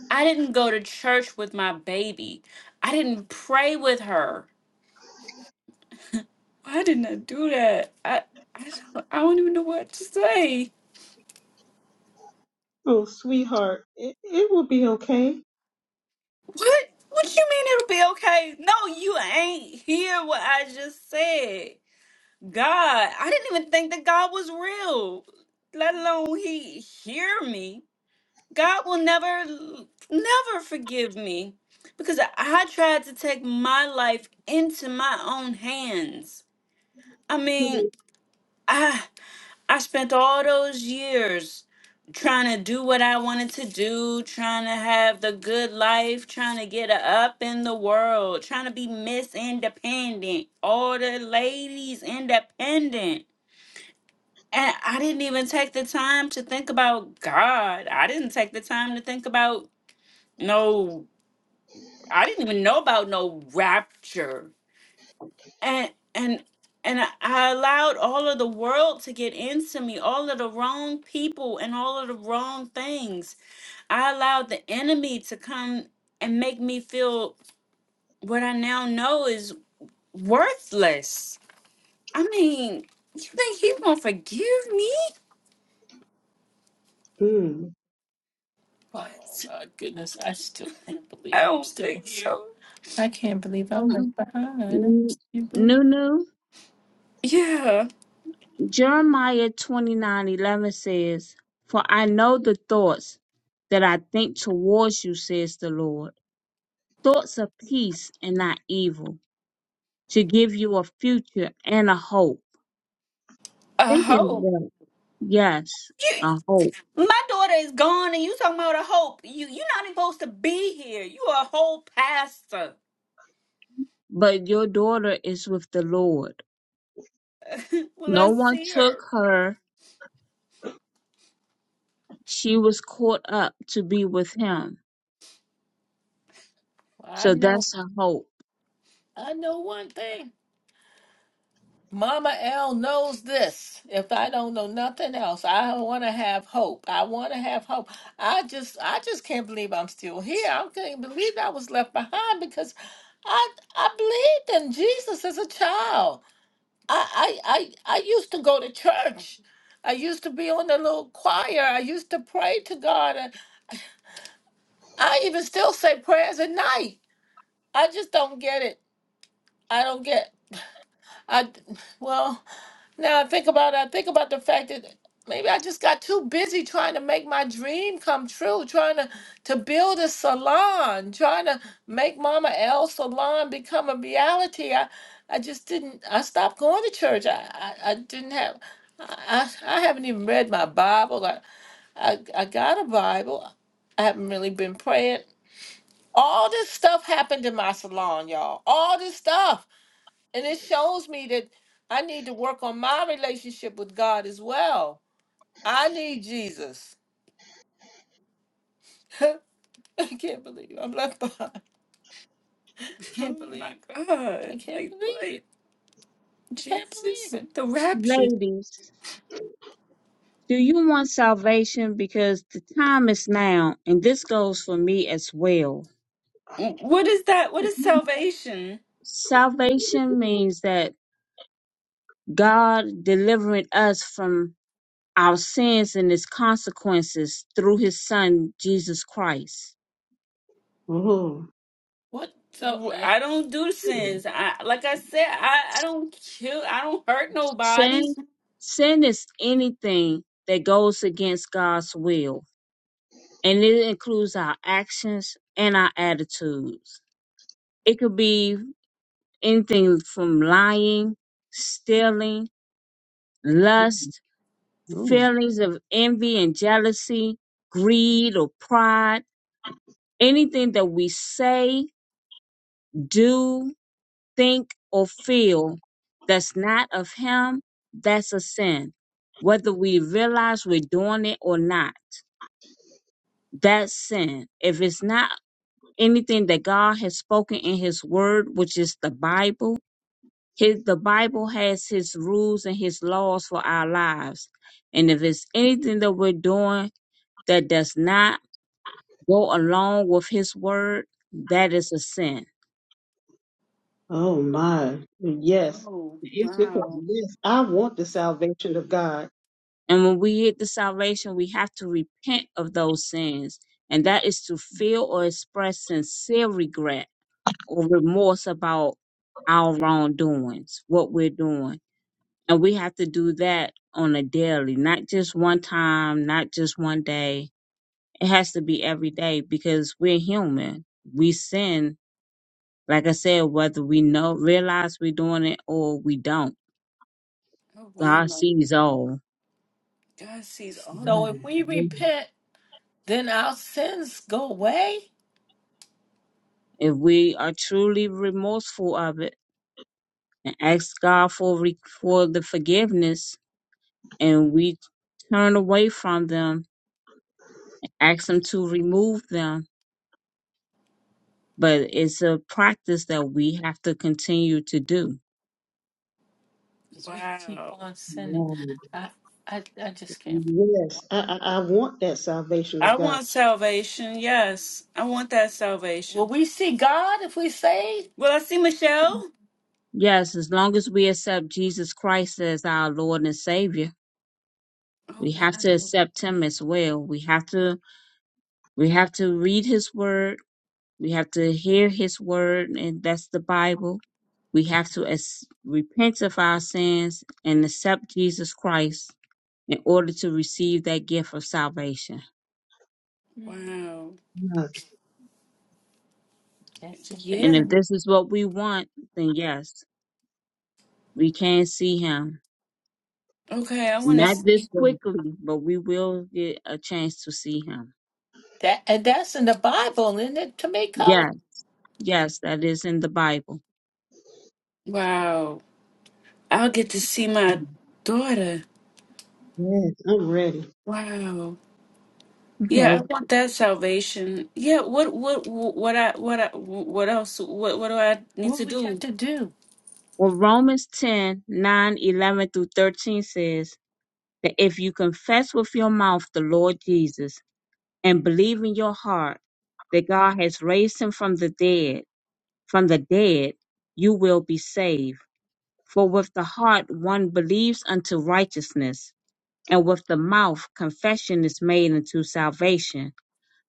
[SPEAKER 2] I didn't go to church with my baby. I didn't pray with her. Why didn't I do that? I I don't, I don't even know what to say.
[SPEAKER 4] Oh, sweetheart, it, it will be okay.
[SPEAKER 2] What? What you mean it'll be okay? No, you ain't hear what I just said. God, I didn't even think that God was real, let alone He hear me. God will never, never forgive me because I tried to take my life into my own hands. I mean, I I spent all those years trying to do what I wanted to do, trying to have the good life, trying to get up in the world, trying to be Miss Independent, all the ladies independent. And I didn't even take the time to think about God. I didn't take the time to think about no I didn't even know about no rapture. And and and I I allowed all of the world to get into me, all of the wrong people and all of the wrong things. I allowed the enemy to come and make me feel what I now know is worthless. I mean, you think he's gonna forgive me?
[SPEAKER 4] Mm.
[SPEAKER 2] What? Oh My goodness, I still can't believe I I'm don't still in think here. so. I can't believe I'm
[SPEAKER 3] Um,
[SPEAKER 2] left behind. I'm still believe.
[SPEAKER 3] Nunu,
[SPEAKER 2] Yeah,
[SPEAKER 3] Jeremiah twenty nine eleven says, For I know the thoughts that I think towards you, says the Lord, thoughts of peace and not evil, to give you a future and a hope.
[SPEAKER 2] I
[SPEAKER 3] Thinking
[SPEAKER 2] hope.
[SPEAKER 3] that, yes,
[SPEAKER 2] You,
[SPEAKER 3] a hope.
[SPEAKER 2] my daughter is gone, and you talking about a hope. You, you're not even supposed to be here. You a whole pastor.
[SPEAKER 3] But your daughter is with the Lord.
[SPEAKER 2] Will I
[SPEAKER 3] No one
[SPEAKER 2] see
[SPEAKER 3] took
[SPEAKER 2] her?
[SPEAKER 3] her, she was caught up to be with him.
[SPEAKER 2] Well, I
[SPEAKER 3] So
[SPEAKER 2] know,
[SPEAKER 3] that's her hope.
[SPEAKER 2] I know one thing. Mama L knows this. If I don't know nothing else, I want to have hope. I want to have hope. I just, I just can't believe I'm still here. I can't believe I was left behind because I, I believed in Jesus as a child. I, I, I, I used to go to church. I used to be on the little choir. I used to pray to God. And I even still say prayers at night. I just don't get it. I don't get. I, well. Now I think about it, I think about the fact that maybe I just got too busy trying to make my dream come true, trying to, to build a salon, trying to make Mama L salon become a reality. I, I just didn't I stopped going to church. I, I, I didn't have I, I I haven't even read my Bible. I, I I got a Bible. I haven't really been praying. All this stuff happened in my salon, y'all. All this stuff and it shows me that I need to work on my relationship with God as well. I need Jesus. I can't believe I'm left behind. I can't Oh believe my it. God. I can't Like believe what? it. Can't believe Jesus, it. the rapture.
[SPEAKER 3] Ladies, Do you want salvation? Because the time is now, and this goes for me as well.
[SPEAKER 2] What is that? What is salvation?
[SPEAKER 3] Salvation means that God delivering us from our sins and its consequences through his son Jesus Christ.
[SPEAKER 4] Oh,
[SPEAKER 2] What the Wh- I don't do sins. I like I said, I, I don't kill, I don't hurt nobody.
[SPEAKER 3] Sin sin is anything that goes against God's will, and it includes our actions and our attitudes. It could be anything from lying, stealing, lust,
[SPEAKER 4] oh,
[SPEAKER 3] feelings of envy and jealousy, greed or pride, anything that we say, do, think, or feel that's not of Him, that's a sin. Whether we realize we're doing it or not, that's sin. If it's not anything that God has spoken in His Word, which is the Bible, his, the Bible has His rules and His laws for our lives. And if it's anything that we're doing that does not go along with his word, that is a sin.
[SPEAKER 4] oh my. Yes.
[SPEAKER 2] Oh
[SPEAKER 4] To answer your
[SPEAKER 2] wow.
[SPEAKER 4] question, yes, I want the salvation of God.
[SPEAKER 3] And when we get the salvation, we have to repent of those sins. And that is to feel or express sincere regret or remorse about our wrongdoings, what we're doing. And we have to do that on a daily, not just one time, not just one day. It has to be every day because we're human. We sin, like I said, whether we know, realize we're doing it or we don't.
[SPEAKER 2] Oh
[SPEAKER 3] God
[SPEAKER 2] wow.
[SPEAKER 3] sees all.
[SPEAKER 2] God sees all of So if that. we
[SPEAKER 4] Mm.
[SPEAKER 2] repent, then our sins go away?
[SPEAKER 3] If we are truly remorseful of it and ask God for re- for the forgiveness, and we turn away from them, ask Him to remove them, but it's a practice that we have to continue to do.
[SPEAKER 2] So You keep Wow. on sinning.
[SPEAKER 4] Yes,
[SPEAKER 2] I, I, I just can't.
[SPEAKER 4] Yes. I, I, I want that salvation
[SPEAKER 2] I
[SPEAKER 4] of God.
[SPEAKER 2] want salvation. Yes. I want that Will salvation. we see God if we say? Will I see Michelle?
[SPEAKER 3] Yes, as long as we accept Jesus Christ as our Lord and Savior,
[SPEAKER 2] Oh,
[SPEAKER 3] we have
[SPEAKER 2] wow.
[SPEAKER 3] to accept Him as well. We have to we have to read His Word. We have to hear His Word, and that's the Bible We have to as- repent of our sins and accept Jesus Christ in order to receive that gift of salvation.
[SPEAKER 2] Wow.
[SPEAKER 4] Yes,
[SPEAKER 2] That's
[SPEAKER 3] And
[SPEAKER 2] Yeah.
[SPEAKER 3] if this is what we want, then yes, we can see him.
[SPEAKER 2] Okay. I want to that
[SPEAKER 3] Not
[SPEAKER 2] see.
[SPEAKER 3] this quickly, but we will get a chance to see him.
[SPEAKER 2] that and that's in the Bible, isn't it, Tamiko?
[SPEAKER 3] Yes, yes, that is in the Bible.
[SPEAKER 2] Wow. I'll get to see my daughter.
[SPEAKER 4] Yes, I'm ready.
[SPEAKER 2] Wow.
[SPEAKER 3] Okay.
[SPEAKER 2] Yeah, I want that salvation. Yeah, what what what I what I what else what what do I need What to we have do? to do?
[SPEAKER 3] Well, Romans 10 9 11 through 13 says that if you confess with your mouth the Lord Jesus and believe in your heart that God has raised him from the dead, from the dead, you will be saved. For with the heart one believes unto righteousness, and with the mouth confession is made unto salvation.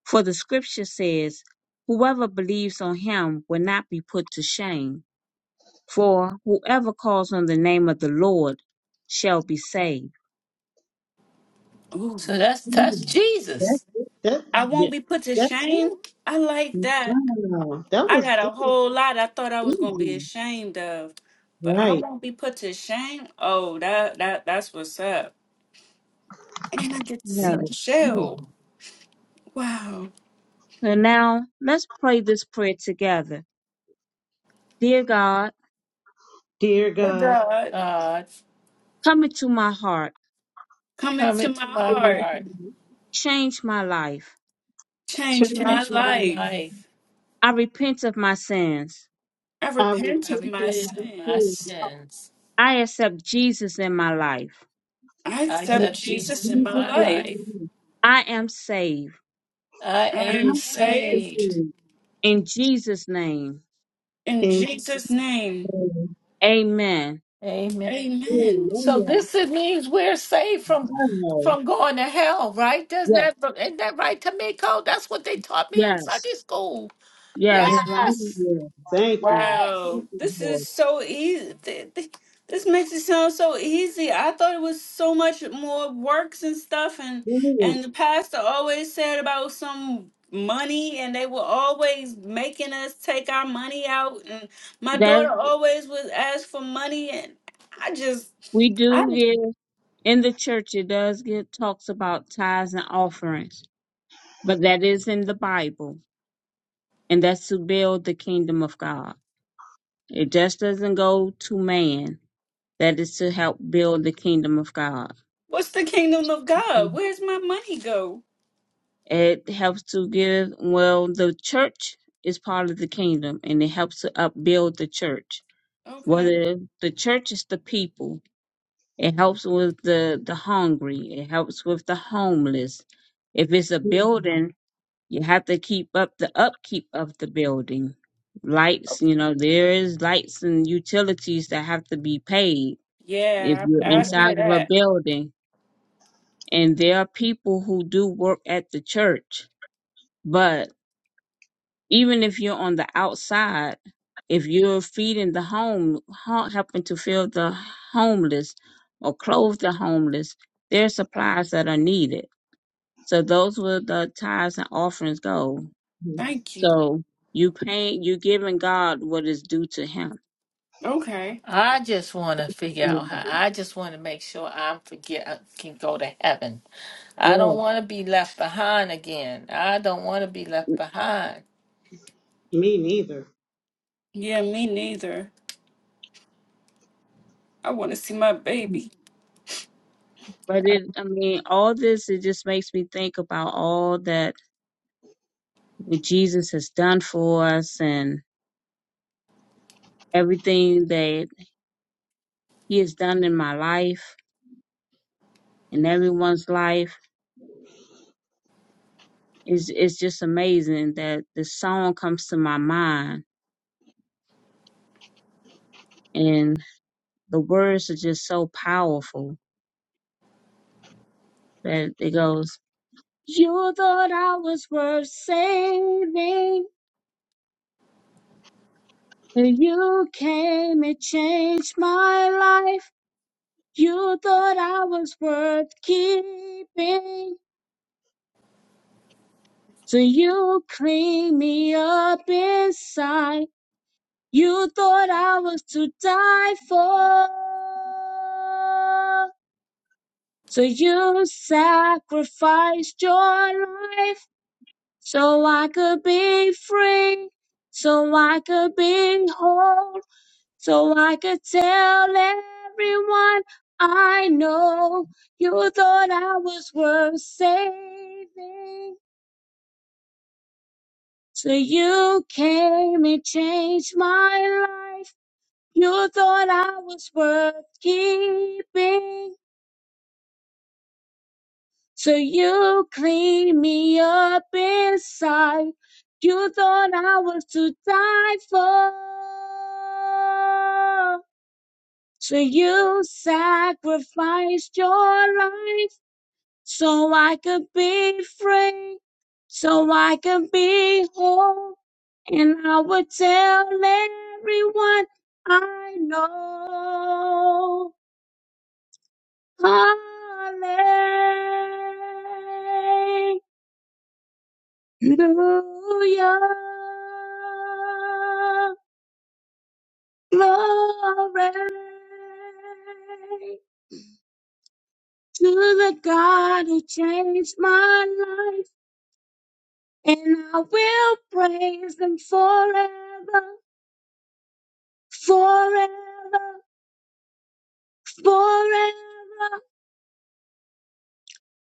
[SPEAKER 3] For the scripture says, Whoever believes on him will not be put to shame. For whoever calls on the name of the Lord shall be saved.
[SPEAKER 2] So that's that's
[SPEAKER 4] Mm. That's
[SPEAKER 2] Jesus.
[SPEAKER 4] it. That,
[SPEAKER 2] I won't be put to
[SPEAKER 4] that's it.
[SPEAKER 2] shame. I like that.
[SPEAKER 4] Wow. That
[SPEAKER 2] I
[SPEAKER 4] was,
[SPEAKER 2] got
[SPEAKER 4] that
[SPEAKER 2] a
[SPEAKER 4] was
[SPEAKER 2] whole lot I thought I was gonna be
[SPEAKER 4] easy.
[SPEAKER 2] ashamed of, but I
[SPEAKER 4] Right.
[SPEAKER 2] won't be put to shame. Oh, that that that's what's up. And I get to
[SPEAKER 4] That
[SPEAKER 3] Yeah.
[SPEAKER 2] see
[SPEAKER 4] was easy.
[SPEAKER 2] Michelle. Wow.
[SPEAKER 3] So now let's pray this prayer together. Dear God,
[SPEAKER 4] Dear
[SPEAKER 2] Good
[SPEAKER 4] God.
[SPEAKER 2] God. God,
[SPEAKER 3] come into my heart
[SPEAKER 2] Come come into my into my heart. heart,
[SPEAKER 3] Change my life.
[SPEAKER 4] Turn
[SPEAKER 2] Change my
[SPEAKER 4] to
[SPEAKER 2] change my
[SPEAKER 4] me,
[SPEAKER 2] life. life.
[SPEAKER 3] I repent of my sins.
[SPEAKER 2] I
[SPEAKER 4] I
[SPEAKER 2] repent I of my
[SPEAKER 4] repent from
[SPEAKER 2] repent
[SPEAKER 4] my
[SPEAKER 2] of my sins.
[SPEAKER 4] sins.
[SPEAKER 2] sins.
[SPEAKER 3] I accept Jesus in my life.
[SPEAKER 2] I I accept
[SPEAKER 4] I
[SPEAKER 2] accept
[SPEAKER 4] repent
[SPEAKER 2] Jesus Jesus in in my
[SPEAKER 4] Jesus
[SPEAKER 2] my
[SPEAKER 4] is the
[SPEAKER 2] life. life.
[SPEAKER 4] Lord.
[SPEAKER 3] I am saved.
[SPEAKER 2] I I am am
[SPEAKER 4] Not just for
[SPEAKER 2] saved. saved.
[SPEAKER 4] me.
[SPEAKER 3] In Jesus' name.
[SPEAKER 2] In
[SPEAKER 4] And
[SPEAKER 2] Jesus' name,
[SPEAKER 4] so,
[SPEAKER 3] Amen.
[SPEAKER 2] Amen. amen. So
[SPEAKER 4] hallelujah,
[SPEAKER 2] this is- means we're saved from
[SPEAKER 4] wow,
[SPEAKER 2] from going to hell, right? Doesn't
[SPEAKER 3] Yes,
[SPEAKER 2] that isn't that right, Tamiko? That's what they taught me in
[SPEAKER 3] yes,
[SPEAKER 2] Sunday school.
[SPEAKER 4] wow,
[SPEAKER 3] yes. Once
[SPEAKER 4] thank
[SPEAKER 3] you,
[SPEAKER 2] Yes.
[SPEAKER 4] you, thank you, thank
[SPEAKER 2] Wow,
[SPEAKER 4] you,
[SPEAKER 2] this
[SPEAKER 4] Lord.
[SPEAKER 2] is so easy. Th- th- This makes it sound so easy. I thought it was so much more works and stuff, and
[SPEAKER 4] Thank you,
[SPEAKER 2] and the pastor always said about some money, and they were always making us take our money out, and my
[SPEAKER 3] that
[SPEAKER 2] daughter always was asked for money, and I just,
[SPEAKER 3] we
[SPEAKER 2] I,
[SPEAKER 3] do get in the church, it does get talks about tithes and offerings, but that is in the Bible, and that's to build the kingdom of God. It just doesn't go to man. That is to help build the kingdom of God.
[SPEAKER 2] what's the kingdom of God? Where's my money go?
[SPEAKER 3] It helps to give, well, the church is part of the kingdom and it helps to upbuild the church.
[SPEAKER 2] Okay,
[SPEAKER 3] Whether the church is the people, it helps with the, the hungry, it helps with the homeless. If it's a
[SPEAKER 4] thank
[SPEAKER 3] building, you have to keep up the upkeep of the building. Lights, you
[SPEAKER 2] okay,
[SPEAKER 3] know, there is lights and utilities that have to be paid if
[SPEAKER 2] yeah,
[SPEAKER 3] you're
[SPEAKER 2] I, I
[SPEAKER 4] you,
[SPEAKER 3] inside
[SPEAKER 2] hear
[SPEAKER 3] of a
[SPEAKER 2] that.
[SPEAKER 3] building. And there are people who do work at the church, but Even if you're on the outside, if you're feeding the home, ho- helping to feed the homeless or clothe the homeless, there are supplies that are needed. So those were the tithes and offerings go.
[SPEAKER 2] Thank you.
[SPEAKER 3] So you paying, you giving God what is due to Him.
[SPEAKER 2] Okay. I just want to figure out how. I just want to make sure I'm forget I can go to heaven. I don't
[SPEAKER 4] Yes,
[SPEAKER 2] want to be left behind again. I don't want to be left behind.
[SPEAKER 4] me neither.
[SPEAKER 2] Yeah, me neither. I want to see my baby.
[SPEAKER 3] But it, I mean, all this it just makes me think about all that what Jesus has done for us and everything that He has done in my life, in everyone's life it's it's just amazing that the song comes to my mind and the words are just so powerful that it goes you thought i was worth saving but you came and changed my life you thought i was worth keeping so you clean me up inside you thought i was to die for So you sacrificed your life so I could be free, so I could be whole, so I could tell everyone I know you thought I was worth saving. So you came and changed my life. You thought I was worth keeping. So you clean me up inside. You thought I was to die for. So you sacrificed your life so I could be free, so I could be whole. And I would tell everyone I know. Hallelujah. Hallelujah. Glory to the God who changed my life, and I will praise Him forever, forever, forever.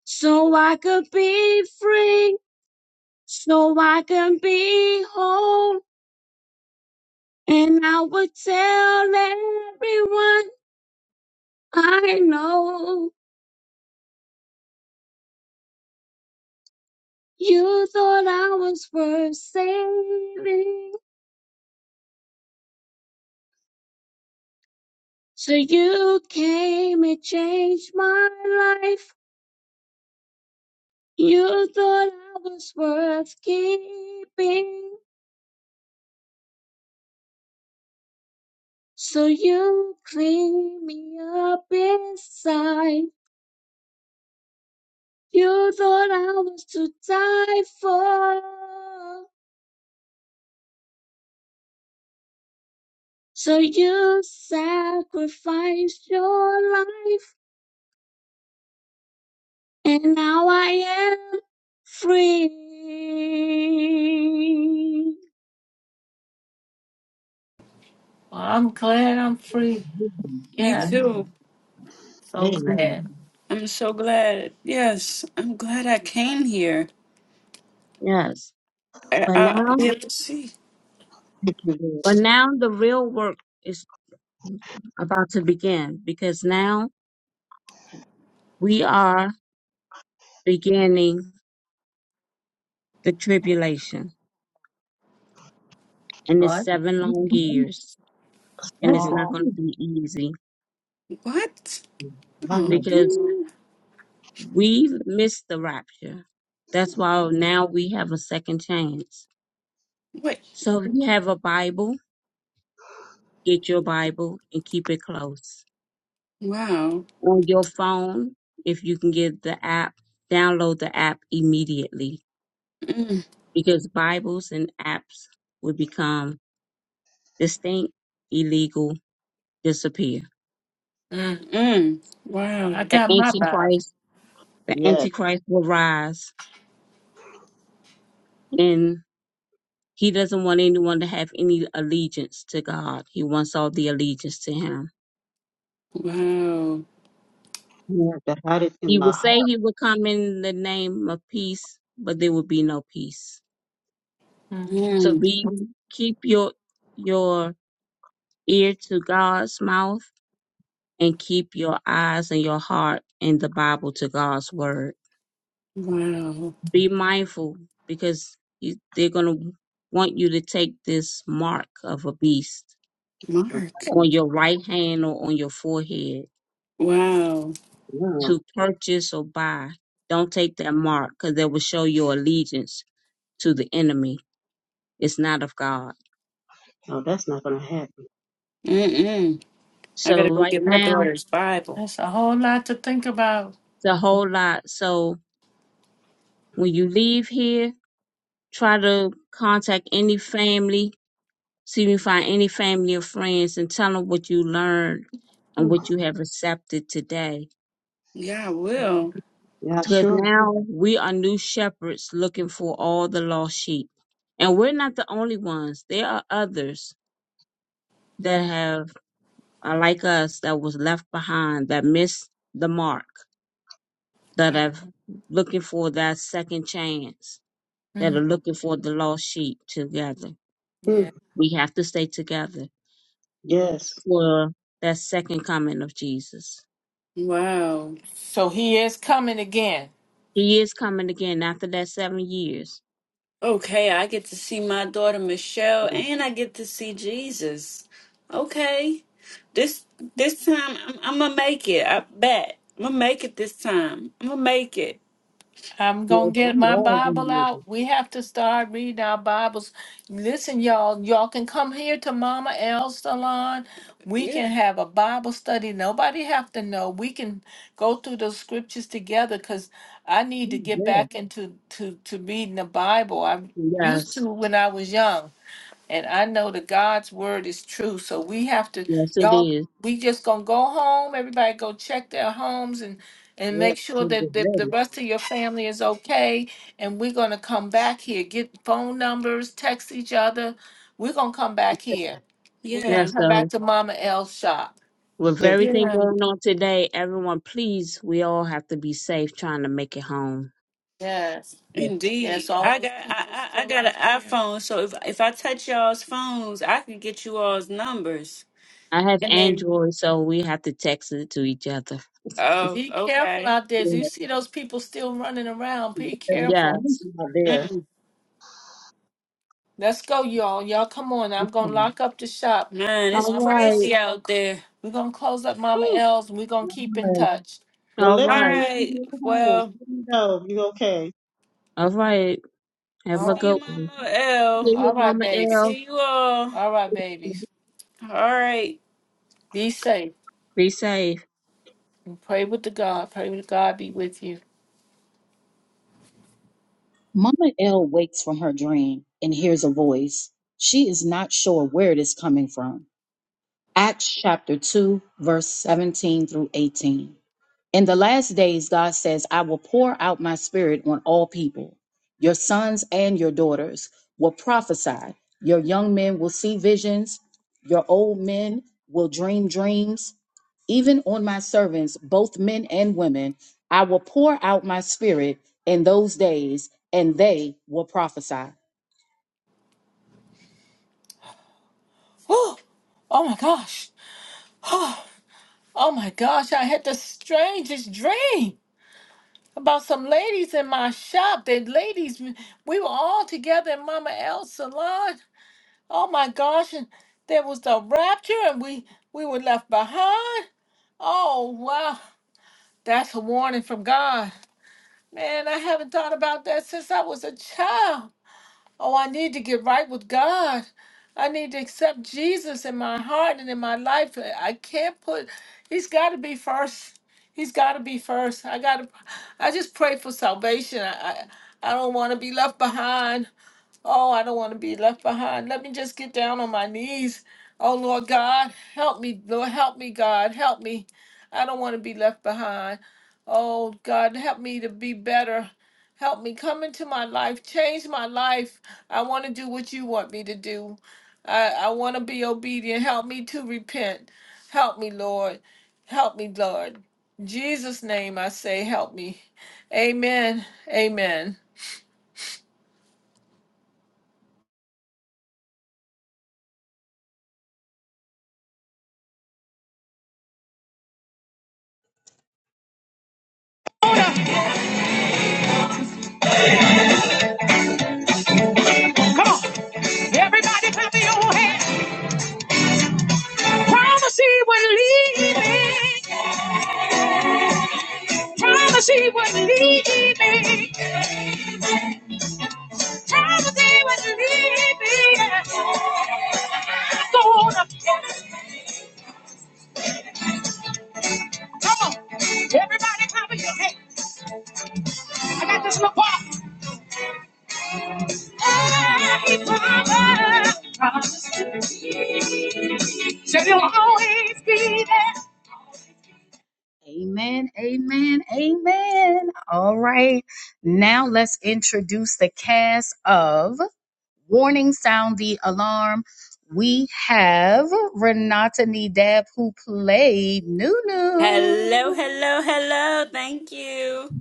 [SPEAKER 3] So I could be free, so I can be whole, and I would tell everyone I know. You thought I was worth saving, so you came and changed my life. You thought I was worth keeping, so you cleaned me up inside. You thought I was to die for, so you sacrificed your life. and now I am free.
[SPEAKER 2] Well, I'm glad I'm free.
[SPEAKER 4] Mm,
[SPEAKER 2] Me Yeah,
[SPEAKER 4] mm,
[SPEAKER 2] too. so
[SPEAKER 4] mm.
[SPEAKER 2] glad. I'm so glad. Yes, I'm glad I came here.
[SPEAKER 3] Yes,
[SPEAKER 2] I,
[SPEAKER 3] but
[SPEAKER 2] I, I
[SPEAKER 3] now,
[SPEAKER 2] didn't see.
[SPEAKER 4] Thank you,
[SPEAKER 3] but
[SPEAKER 4] Lord.
[SPEAKER 3] now the real work is about to begin because now we are beginning the tribulation and it's
[SPEAKER 2] What?
[SPEAKER 3] seven
[SPEAKER 4] Mm,
[SPEAKER 3] long
[SPEAKER 4] mm.
[SPEAKER 3] years and it's not
[SPEAKER 2] Oh,
[SPEAKER 3] going to be easy
[SPEAKER 2] What?
[SPEAKER 4] Wow,
[SPEAKER 2] Oh,
[SPEAKER 3] because we missed the rapture. That's why now we have a second chance.
[SPEAKER 2] what?
[SPEAKER 3] So if you have a Bible, get your Bible and keep it close.
[SPEAKER 2] Wow.
[SPEAKER 3] on your phone, if you can get the app, download the app immediately because Bibles and apps will become distinct, illegal, disappear.
[SPEAKER 2] Mm-mm. Wow. I
[SPEAKER 3] The
[SPEAKER 2] got my Bible.
[SPEAKER 3] Antichrist, the
[SPEAKER 4] yes,
[SPEAKER 3] Antichrist will rise and he doesn't want anyone to have any allegiance to God. He wants all the allegiance to him.
[SPEAKER 2] Wow.
[SPEAKER 4] you have to hide it in
[SPEAKER 3] He
[SPEAKER 4] my
[SPEAKER 3] will say he will come in the name of peace, but there will be no peace.
[SPEAKER 2] Mm.
[SPEAKER 3] So
[SPEAKER 2] Mm.
[SPEAKER 3] be keep your your ear to God's mouth and keep your eyes and your heart in the Bible to God's word.
[SPEAKER 2] Wow.
[SPEAKER 3] Be mindful because you, they're going to want you to take this mark of a beast
[SPEAKER 2] Mark.
[SPEAKER 4] heart.
[SPEAKER 3] on your right hand or on your forehead
[SPEAKER 2] Wow.
[SPEAKER 3] to purchase or buy. Don't take that mark because that will show your allegiance to the enemy. It's not of God.
[SPEAKER 4] No, that's not going to happen.
[SPEAKER 2] Mm-mm. I
[SPEAKER 3] So,
[SPEAKER 2] gotta go
[SPEAKER 3] right
[SPEAKER 2] get my
[SPEAKER 3] now,
[SPEAKER 2] daughter's Bible. That's a whole lot to think about.
[SPEAKER 3] it's a whole lot. So, when you leave here, try to contact any family See if you find any family or friends and tell them what you learned and
[SPEAKER 4] Hmm.
[SPEAKER 3] what you have accepted today.
[SPEAKER 2] Yeah, I will.
[SPEAKER 4] Yeah, I
[SPEAKER 3] Because
[SPEAKER 4] sure will.
[SPEAKER 3] now we are new shepherds looking for all the lost sheep. And we're not the only ones. There are others that
[SPEAKER 2] Mm.
[SPEAKER 3] have are like us that was left behind, that missed the mark, that
[SPEAKER 2] Wow.
[SPEAKER 3] are looking for that second chance, that are
[SPEAKER 2] Mm.
[SPEAKER 3] looking for the lost sheep together.
[SPEAKER 4] Hmm.
[SPEAKER 2] Yeah.
[SPEAKER 3] We have to stay together
[SPEAKER 4] Yes.
[SPEAKER 3] for that second coming of Jesus.
[SPEAKER 2] Wow. So he is coming again.
[SPEAKER 3] He is coming again after that seven years.
[SPEAKER 2] Okay, I get to see my daughter Michelle and I get to see Jesus. Okay. This this time I'm, I'm gonna make it. I bet. I'm gonna make it this time. I'm gonna make it. I'm gonna
[SPEAKER 4] Yes,
[SPEAKER 2] get
[SPEAKER 4] we
[SPEAKER 2] my
[SPEAKER 4] are going to
[SPEAKER 2] Bible
[SPEAKER 4] make
[SPEAKER 2] out.
[SPEAKER 4] it.
[SPEAKER 2] We have to start reading our Bibles. Listen, y'all, y'all can come here to Mama L's salon. We Yeah. can have a Bible study. Nobody have to know. We can go through those scriptures together because I need to
[SPEAKER 4] Hmm,
[SPEAKER 2] get
[SPEAKER 4] Yes,
[SPEAKER 2] back into to, to reading the Bible. I used
[SPEAKER 3] Yes,
[SPEAKER 2] to when I was young. And I know that God's word is true. So we have to,
[SPEAKER 3] yes, it
[SPEAKER 2] y'all,
[SPEAKER 3] is.
[SPEAKER 2] we just gonna go home. Everybody go check their homes and and
[SPEAKER 4] yes,
[SPEAKER 2] make sure
[SPEAKER 4] we
[SPEAKER 2] that the,
[SPEAKER 4] get
[SPEAKER 2] the
[SPEAKER 4] ready.
[SPEAKER 2] rest of your family is okay. And we're gonna come back here. Get phone numbers, text each other. We're gonna come back here. We're gonna Yeah,
[SPEAKER 3] Yes,
[SPEAKER 2] come back
[SPEAKER 3] so
[SPEAKER 2] to Mama L's shop.
[SPEAKER 3] with
[SPEAKER 4] Yeah,
[SPEAKER 3] everything
[SPEAKER 2] yeah,
[SPEAKER 3] going on today, everyone, please, we all have to be safe trying to make it home.
[SPEAKER 2] Yes.
[SPEAKER 4] we
[SPEAKER 2] indeed. That's all I got I, I I got an right iPhone, so if if I touch y'all's phones, I can get you all's numbers,
[SPEAKER 3] I have
[SPEAKER 2] and then
[SPEAKER 3] Android, so we have to text it to each other.
[SPEAKER 2] Oh, Be careful okay. out there. You
[SPEAKER 4] are.
[SPEAKER 2] see those people still running around.
[SPEAKER 4] Yeah,
[SPEAKER 2] Be careful.
[SPEAKER 4] it's
[SPEAKER 3] Yes.
[SPEAKER 4] not there.
[SPEAKER 2] Mm, Let's go, y'all. Y'all come on. I'm gonna
[SPEAKER 4] Hmm.
[SPEAKER 2] lock up the shop. man, it's
[SPEAKER 3] All
[SPEAKER 2] Mama L's crazy is
[SPEAKER 3] right.
[SPEAKER 2] gonna out there. we're gonna close up Mama Whew. L's and we're gonna keep in
[SPEAKER 4] All right.
[SPEAKER 2] touch.
[SPEAKER 4] Well,
[SPEAKER 3] All
[SPEAKER 4] let me
[SPEAKER 2] All
[SPEAKER 3] right.
[SPEAKER 4] know if
[SPEAKER 2] right.
[SPEAKER 4] you're home.
[SPEAKER 2] Well,
[SPEAKER 4] Let me know if you're okay.
[SPEAKER 3] All right. Have
[SPEAKER 2] All see
[SPEAKER 3] a
[SPEAKER 2] right. you,
[SPEAKER 3] good one.
[SPEAKER 2] Mama L.
[SPEAKER 3] Give your
[SPEAKER 2] All right,
[SPEAKER 3] Mama
[SPEAKER 2] babies.
[SPEAKER 3] L.
[SPEAKER 2] See you all. All right, babies. All right. Be safe.
[SPEAKER 3] Be safe.
[SPEAKER 2] And pray with the God. Pray with God be with you.
[SPEAKER 1] Mama L wakes from her dream and hears a voice. She is not sure where it is coming from. Acts chapter 2, verse 17 through 18. In the last days, God says, I will pour out my spirit on all people. Your sons and your daughters will prophesy. Your young men will see visions. Your old men will dream dreams. Even on my servants, both men and women, I will pour out my spirit in those days, and they will prophesy.
[SPEAKER 2] Whew. Oh my gosh. Oh my gosh, I had the strangest dream. about some ladies in my shop. The ladies, we were all together in Mama L's salon. Oh my gosh! And there was the rapture, and we we were left behind. Oh wow, that's a warning from God. Man, I haven't thought about that since I was a child. Oh, I need to get right with God. I need to accept Jesus in my heart and in my life. I can't put He's got to be first. He's got to be first. I got to I just pray for salvation. I I, I don't want to be left behind. Oh, I don't want to be left behind. Let me just get down on my knees. Oh, Lord God, help me. Lord, help me, God. Help me. I don't want to be left behind. Oh, God, help me to be better. Help me come into my life, change my life. I want to do what you want me to do. I, I want to be obedient. Help me to repent. Help me, Lord. Help me, Lord. In Jesus' name, I say, help me. Amen. Amen.
[SPEAKER 1] Promise he would lead me. he would lead Yeah. Gonna Come on. Everybody cover your head. I got this little part. Hey, Father, promise to me. Said you'll always be there. Amen, amen, amen. All right. Now let's introduce the cast of Warning Sound the Alarm. We have Renata Nidab who played
[SPEAKER 2] Hello,
[SPEAKER 1] Nunu.
[SPEAKER 2] hello, hello. Thank you.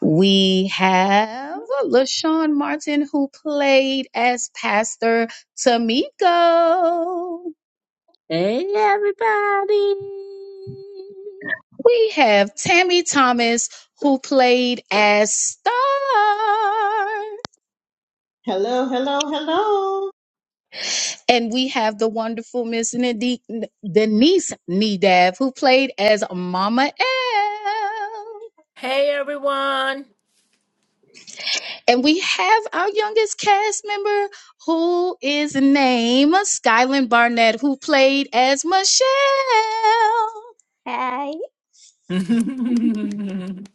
[SPEAKER 1] We have LaShawn Martin, who played as Pastor Tamiko.
[SPEAKER 3] Hey, everybody.
[SPEAKER 1] We have Tammy Thomas, who played as Star.
[SPEAKER 4] Hello, hello, hello.
[SPEAKER 1] And we have the wonderful Miss Nede- Denise Nedav, who played as Mama L.
[SPEAKER 2] Hey everyone.
[SPEAKER 1] And we have our youngest cast member, who is named Skylin Barnett, who played as Michelle.
[SPEAKER 2] Amen.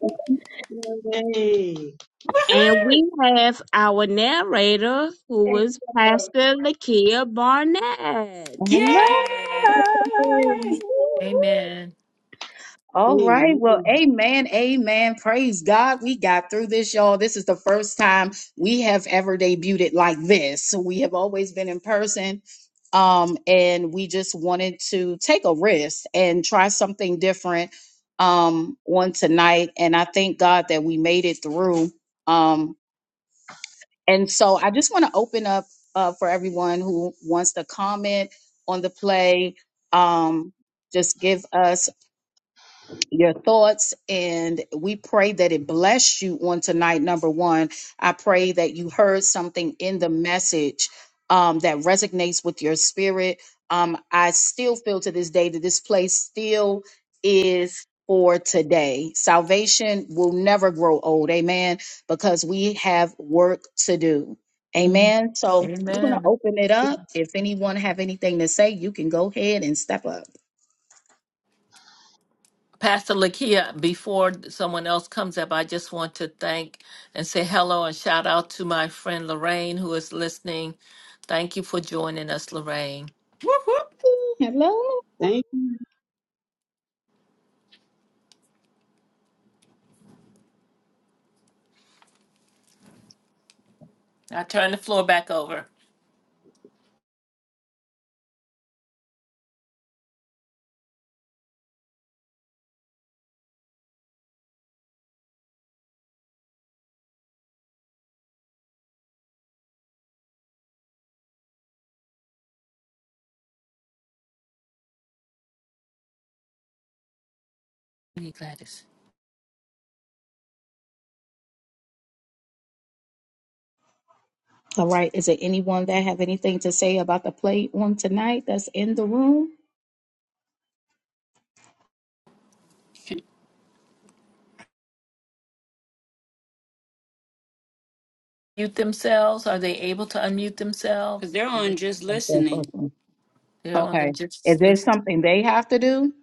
[SPEAKER 4] Hey.
[SPEAKER 2] Woohoo!
[SPEAKER 3] And we have our narrator, who was Pastor Lakia Barnett.
[SPEAKER 1] Hello.
[SPEAKER 2] Yay!
[SPEAKER 4] Hey.
[SPEAKER 2] Amen.
[SPEAKER 1] All
[SPEAKER 4] Hey.
[SPEAKER 1] right. Well, amen. Amen. Praise God. We got through this, y'all. This is the first time we have ever debuted it like this. So we have always been in person. Um, and we just wanted to take a risk and try something different um on tonight. And I thank God that we made it through. um, and so I just want to open up uh, for everyone who wants to comment on the play. Um, just give us your thoughts, and we pray that it bless you on tonight. Number one, I pray that you heard something in the message um, that resonates with your spirit. Um, I still feel to this day that this place still is for today. Salvation will never grow old, amen, because we have work to do. Amen. So we're going to open it up. If anyone have anything to say, you can go ahead and step up.
[SPEAKER 2] Pastor Lakia, before someone else comes up, I just want to thank and say hello and shout out to my friend Lorraine who is listening. Thank you for joining us, Lorraine.
[SPEAKER 1] Ooh, Hello.
[SPEAKER 4] Thank you.
[SPEAKER 2] I turn the floor back over. You, Gladys.
[SPEAKER 1] All right. Is there anyone that have anything to say about the play on tonight that's in the room?
[SPEAKER 2] Mute themselves. Are they able to unmute themselves? Because they're on just listening. They're on the
[SPEAKER 1] Okay.
[SPEAKER 2] just
[SPEAKER 1] Is there
[SPEAKER 2] list.
[SPEAKER 1] something they have to do?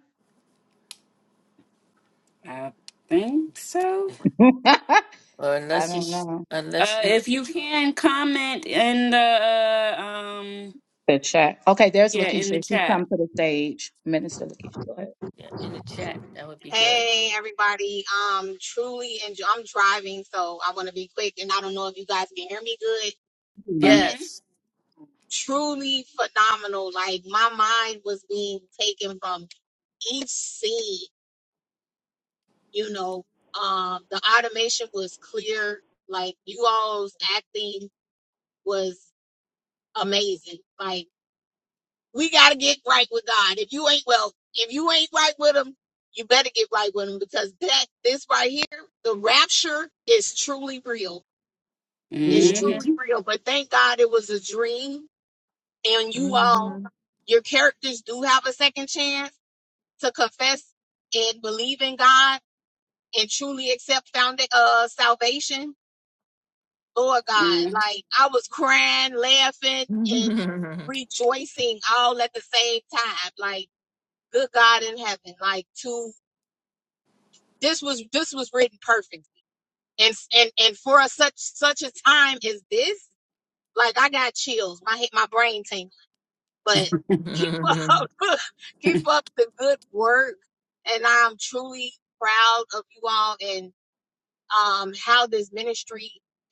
[SPEAKER 2] I think so.
[SPEAKER 1] I
[SPEAKER 2] Or unless you,
[SPEAKER 1] don't know.
[SPEAKER 2] unless Uh, you, if you can comment in the uh, um,
[SPEAKER 1] The chat. Okay, there's
[SPEAKER 2] yeah, in the
[SPEAKER 1] Lakeisha. She's
[SPEAKER 2] chat.
[SPEAKER 1] come to the stage. Minister Lakeisha. Go ahead.
[SPEAKER 2] Mhm.
[SPEAKER 5] Hey everybody. Um truly enjoy I'm driving, so I wanna be quick and I don't know if you guys can hear me good,
[SPEAKER 1] Mhm.
[SPEAKER 5] but
[SPEAKER 2] yes.
[SPEAKER 5] truly phenomenal. Like my mind was being taken from each scene, you know. Um the automation was clear, like you all's acting was amazing. Like we got to get right with God. If you ain't well, if you ain't right with him, you better get right with him because that this right here, the rapture is truly real. It's
[SPEAKER 4] Amen.
[SPEAKER 2] Mhm.
[SPEAKER 5] truly real. But thank God it was a dream and you
[SPEAKER 2] hmm
[SPEAKER 5] all your characters do have a second chance to confess and believe in God and truly accept found uh salvation. Lord God, like I was crying, laughing, and
[SPEAKER 2] Mhm.
[SPEAKER 5] rejoicing all at the same time. Like good God in heaven, like to this was this was written perfectly, and and and for a such such a time as this, like I got chills, my hit my brain tingling. But keep
[SPEAKER 2] hmm
[SPEAKER 5] up, keep up the good work, and I'm truly proud of you all and um how this ministry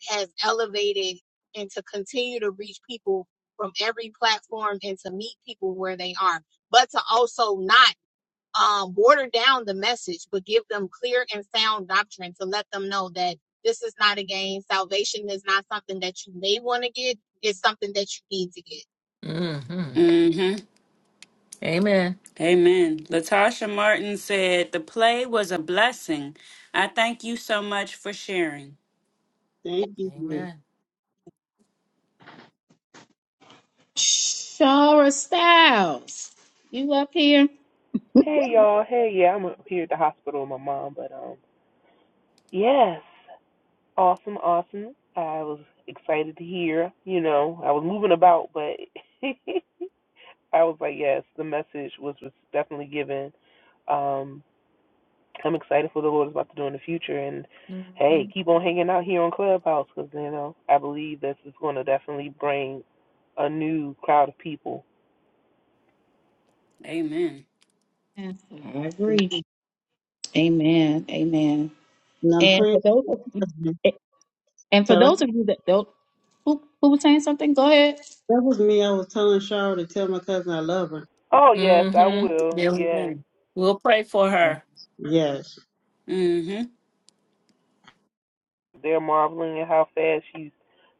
[SPEAKER 5] has elevated and to continue to reach people from every platform and to meet people where they are, but to also not um, water down the message, but give them clear and sound doctrine to let them know that this is not a game. Salvation is not something that you may want to get, it's something that you need to get.
[SPEAKER 2] Mhm. Amen. Amen. Latasha Martin said the play was a blessing. I thank you so much for sharing.
[SPEAKER 4] Thank you.
[SPEAKER 2] Amen.
[SPEAKER 1] Shara Styles. You up here?
[SPEAKER 6] Hey y'all, hey yeah, I'm here at the hospital with my mom, but um, yes, awesome, awesome. I was excited to hear. You know, I was moving about, but I was like, yes, the message was was definitely given. Um, I'm excited for the Lord is about to do in the future, and hey,
[SPEAKER 2] hmm
[SPEAKER 6] keep on hanging out here on Clubhouse because you know I believe this is going to definitely bring a new crowd of people.
[SPEAKER 2] Amen.
[SPEAKER 1] Yes, I agree. Amen. Amen.
[SPEAKER 4] And I'm
[SPEAKER 1] And for
[SPEAKER 4] praying. for
[SPEAKER 1] those
[SPEAKER 4] your husband.
[SPEAKER 1] of and for
[SPEAKER 4] Tell her-
[SPEAKER 1] those of you that don't who who was saying something, go ahead.
[SPEAKER 4] That was me. I was telling Cheryl to tell my cousin I love her.
[SPEAKER 6] Oh yes, I
[SPEAKER 2] hmm
[SPEAKER 6] will. Yes.
[SPEAKER 2] Amen. We'll pray for her.
[SPEAKER 4] Yes.
[SPEAKER 2] hmm
[SPEAKER 6] They're marveling at how fast she's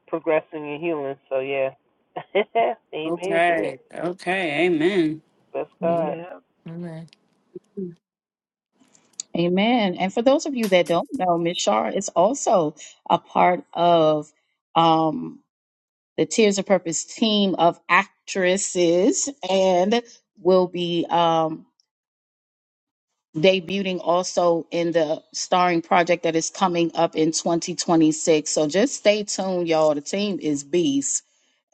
[SPEAKER 6] progressing and healing. So yeah, amen to that.
[SPEAKER 2] Okay. Okay. Amen.
[SPEAKER 6] Bless
[SPEAKER 2] hmm
[SPEAKER 6] God. Yeah.
[SPEAKER 2] Amen.
[SPEAKER 3] Hmm,
[SPEAKER 1] Amen. And for those of you that don't know, Miss Shar is also a part of um, the Tears of Purpose team of actresses and will be um, debuting also in the starring project that is coming up in 2026. So just stay tuned, y'all. The team is beast.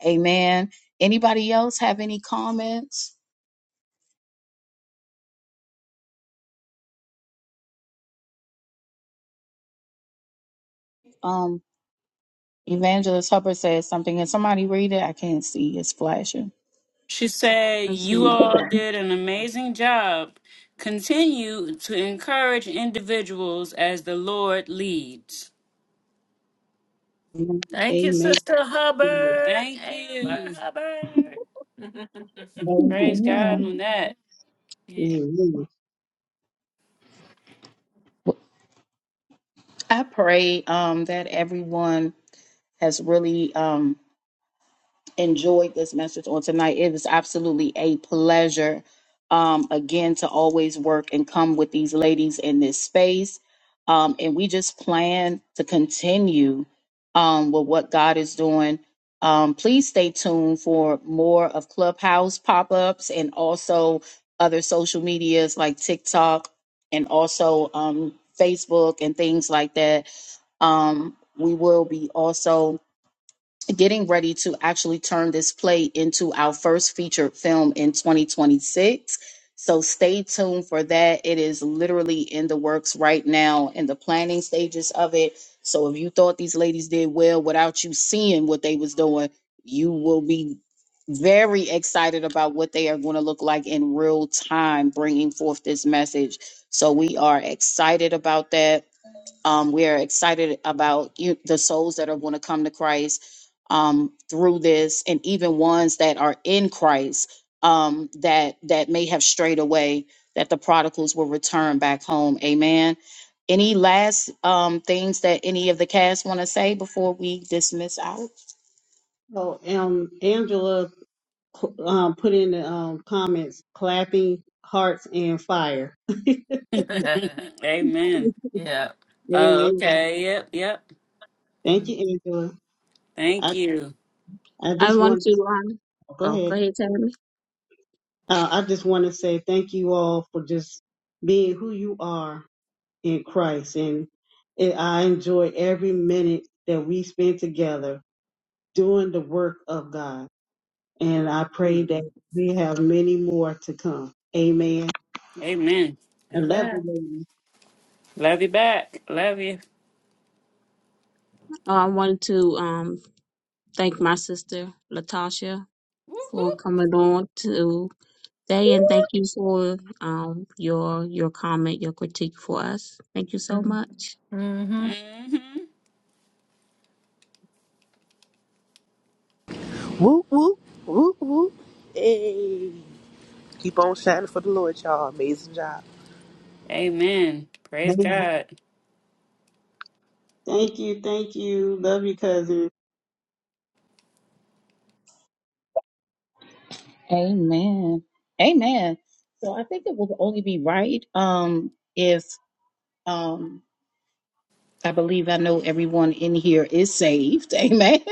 [SPEAKER 1] Amen. Anybody else have any comments? Um, Evangelist Hubbard says something. Can somebody read it? I can't see. It's flashing.
[SPEAKER 2] She said,
[SPEAKER 3] Let's
[SPEAKER 2] You
[SPEAKER 3] see.
[SPEAKER 2] all did an amazing job. Continue to encourage individuals as the Lord leads. Thank you,
[SPEAKER 4] Amen.
[SPEAKER 2] Sister Hubbard. Thank Amen, you. Hubbard. Praise God
[SPEAKER 1] Amen.
[SPEAKER 2] on that. Yeah.
[SPEAKER 4] Amen.
[SPEAKER 1] I pray um, that everyone has really um, enjoyed this message on tonight. It is absolutely a pleasure, um, again, to always work and come with these ladies in this space. Um, and we just plan to continue um, with what God is doing. Um, please stay tuned for more of Clubhouse pop ups and also other social medias like TikTok and also um, Facebook and things like that. Um, we will be also getting ready to actually turn this play into our first featured film in 2026. So stay tuned for that. It is literally in the works right now in the planning stages of it. So if you thought these ladies did well without you seeing what they was doing, you will be very excited about what they are going to look like in real time bringing forth this message. So we are excited about that um, we are excited about you, the souls that are going to come to Christ um, through this, and even ones that are in Christ um, that that may have strayed away. That the prodigals will return back home. Amen. Any last um, things that any of the cast want to say before we dismiss out?
[SPEAKER 4] So, um, Angela um, put in the um, comments clapping, hearts, and fire.
[SPEAKER 2] Amen. yeah. Oh,
[SPEAKER 4] Amen.
[SPEAKER 2] okay. Yep. Yep.
[SPEAKER 4] Thank
[SPEAKER 2] Mm.
[SPEAKER 4] you, Angela. I,
[SPEAKER 2] Thank you.
[SPEAKER 4] I
[SPEAKER 3] I
[SPEAKER 4] just
[SPEAKER 3] want
[SPEAKER 4] want
[SPEAKER 3] to,
[SPEAKER 4] to
[SPEAKER 3] um,
[SPEAKER 4] go
[SPEAKER 3] oh, go
[SPEAKER 4] ahead.
[SPEAKER 3] ahead, Tammy.
[SPEAKER 4] Uh, I just want to say thank you all for just being who you are in Christ. And it, I enjoy every minute that we spend together doing the work of God. And I pray
[SPEAKER 2] Mm.
[SPEAKER 4] that we have many more to come. Amen.
[SPEAKER 2] Amen.
[SPEAKER 4] I love
[SPEAKER 2] Amen.
[SPEAKER 4] you, ladies.
[SPEAKER 2] Love you back. Love you.
[SPEAKER 3] Oh, I wanted to um thank my sister Latasha for coming on today, and thank you for um your your comment, your critique for us. Thank you so much.
[SPEAKER 2] Mm-hmm. hmm
[SPEAKER 6] Whoop, whoop, whoop, whoop. Hey. Keep on shining for the Lord, y'all. Amazing job.
[SPEAKER 2] Amen. Praise
[SPEAKER 4] Thank you.
[SPEAKER 2] God.
[SPEAKER 4] Thank you. Thank you. Love you, cousin.
[SPEAKER 1] Amen. Amen. So I think it would only be right um, if um, I believe I know everyone in here is saved. Amen.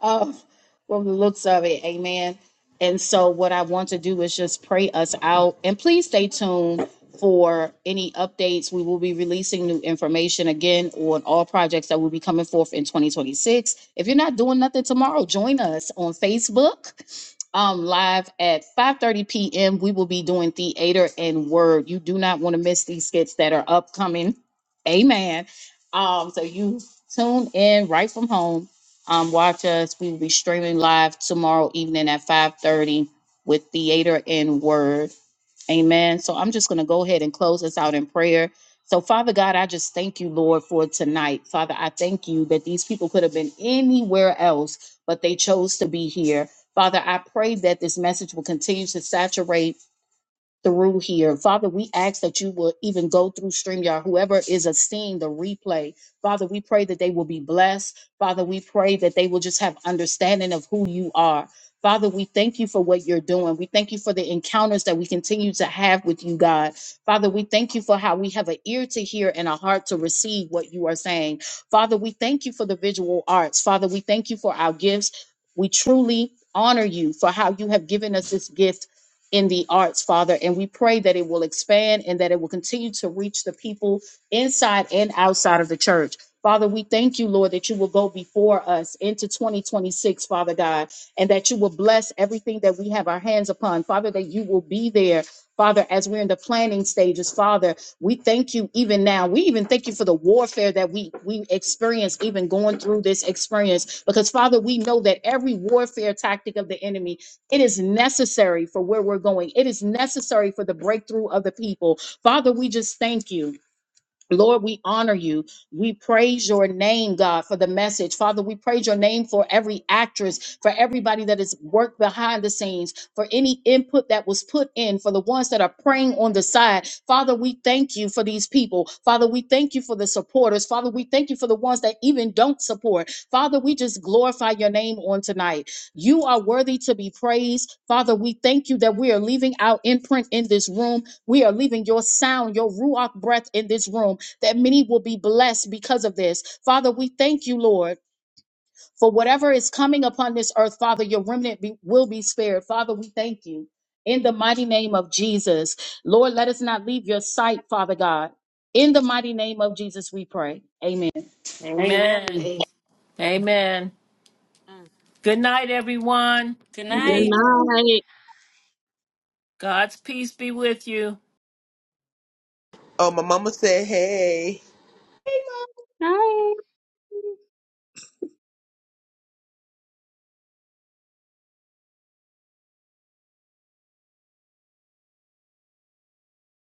[SPEAKER 1] Of, from the looks of it. Amen. And so, what I want to do is just pray us out. And please stay tuned for any updates. We will be releasing new information again on all projects that will be coming forth in 2026. If you're not doing nothing tomorrow, join us on Facebook. Um, live at 5:30 p.m. We will be doing theater and word. You do not want to miss these skits that are upcoming. Amen. Um, so you tune in right from home um, watch us. We will be streaming live tomorrow evening at 5:30 with Theater and Word. Amen. So I'm just going to go ahead and close us out in prayer. So, Father God, I just thank you, Lord, for tonight. Father, I thank you that these people could have been anywhere else, but they chose to be here. Father, I pray that this message will continue to saturate through here. Father, we ask that you will even go through StreamYard, whoever is a seeing the replay. Father, we pray that they will be blessed. Father, we pray that they will just have understanding of who you are. Father, we thank you for what you're doing. We thank you for the encounters that we continue to have with you, God. Father, we thank you for how we have an ear to hear and a heart to receive what you are saying. Father, we thank you for the visual arts. Father, we thank you for our gifts. We truly honor you for how you have given us this gift in the arts, Father. And we pray that it will expand and that it will continue to reach the people inside and outside of the church. Father, we thank you, Lord, that you will go before us into 2026, Father God, and that you will bless everything that we have our hands upon. Father, that you will be there, Father, as we're in the planning stages. Father, we thank you even now. We even thank you for the warfare that we, we experience, even going through this experience, because, Father, we know that every warfare tactic of the enemy it is necessary for where we're going. It is necessary for the breakthrough of the people. Father, we just thank you. Lord, we honor you. We praise your name, God, for the message. Father, we praise your name for every actress, for everybody that has worked behind the scenes, for any input that was put in, for the ones that are praying on the side. Father, we thank you for these people. Father, we thank you for the supporters. Father, we thank you for the ones that even don't support. Father, we just glorify your name on tonight. You are worthy to be praised. Father, we thank you that we are leaving our imprint in this room. We are leaving your sound, your Ruach breath in this room that many will be blessed because of this. Father, we thank you, Lord, for whatever is coming upon this earth, Father, your remnant be, will be spared. Father, we thank you. In the mighty name of Jesus, Lord, let us not leave your sight, Father God. In the mighty name of Jesus, we pray. Amen.
[SPEAKER 2] Amen. Amen.
[SPEAKER 4] Amen.
[SPEAKER 2] Amen.
[SPEAKER 3] Mm.
[SPEAKER 2] Good night, everyone. Good
[SPEAKER 3] Good
[SPEAKER 2] night.
[SPEAKER 3] night.
[SPEAKER 2] God's peace be with you.
[SPEAKER 6] Oh, my mama.
[SPEAKER 3] Night.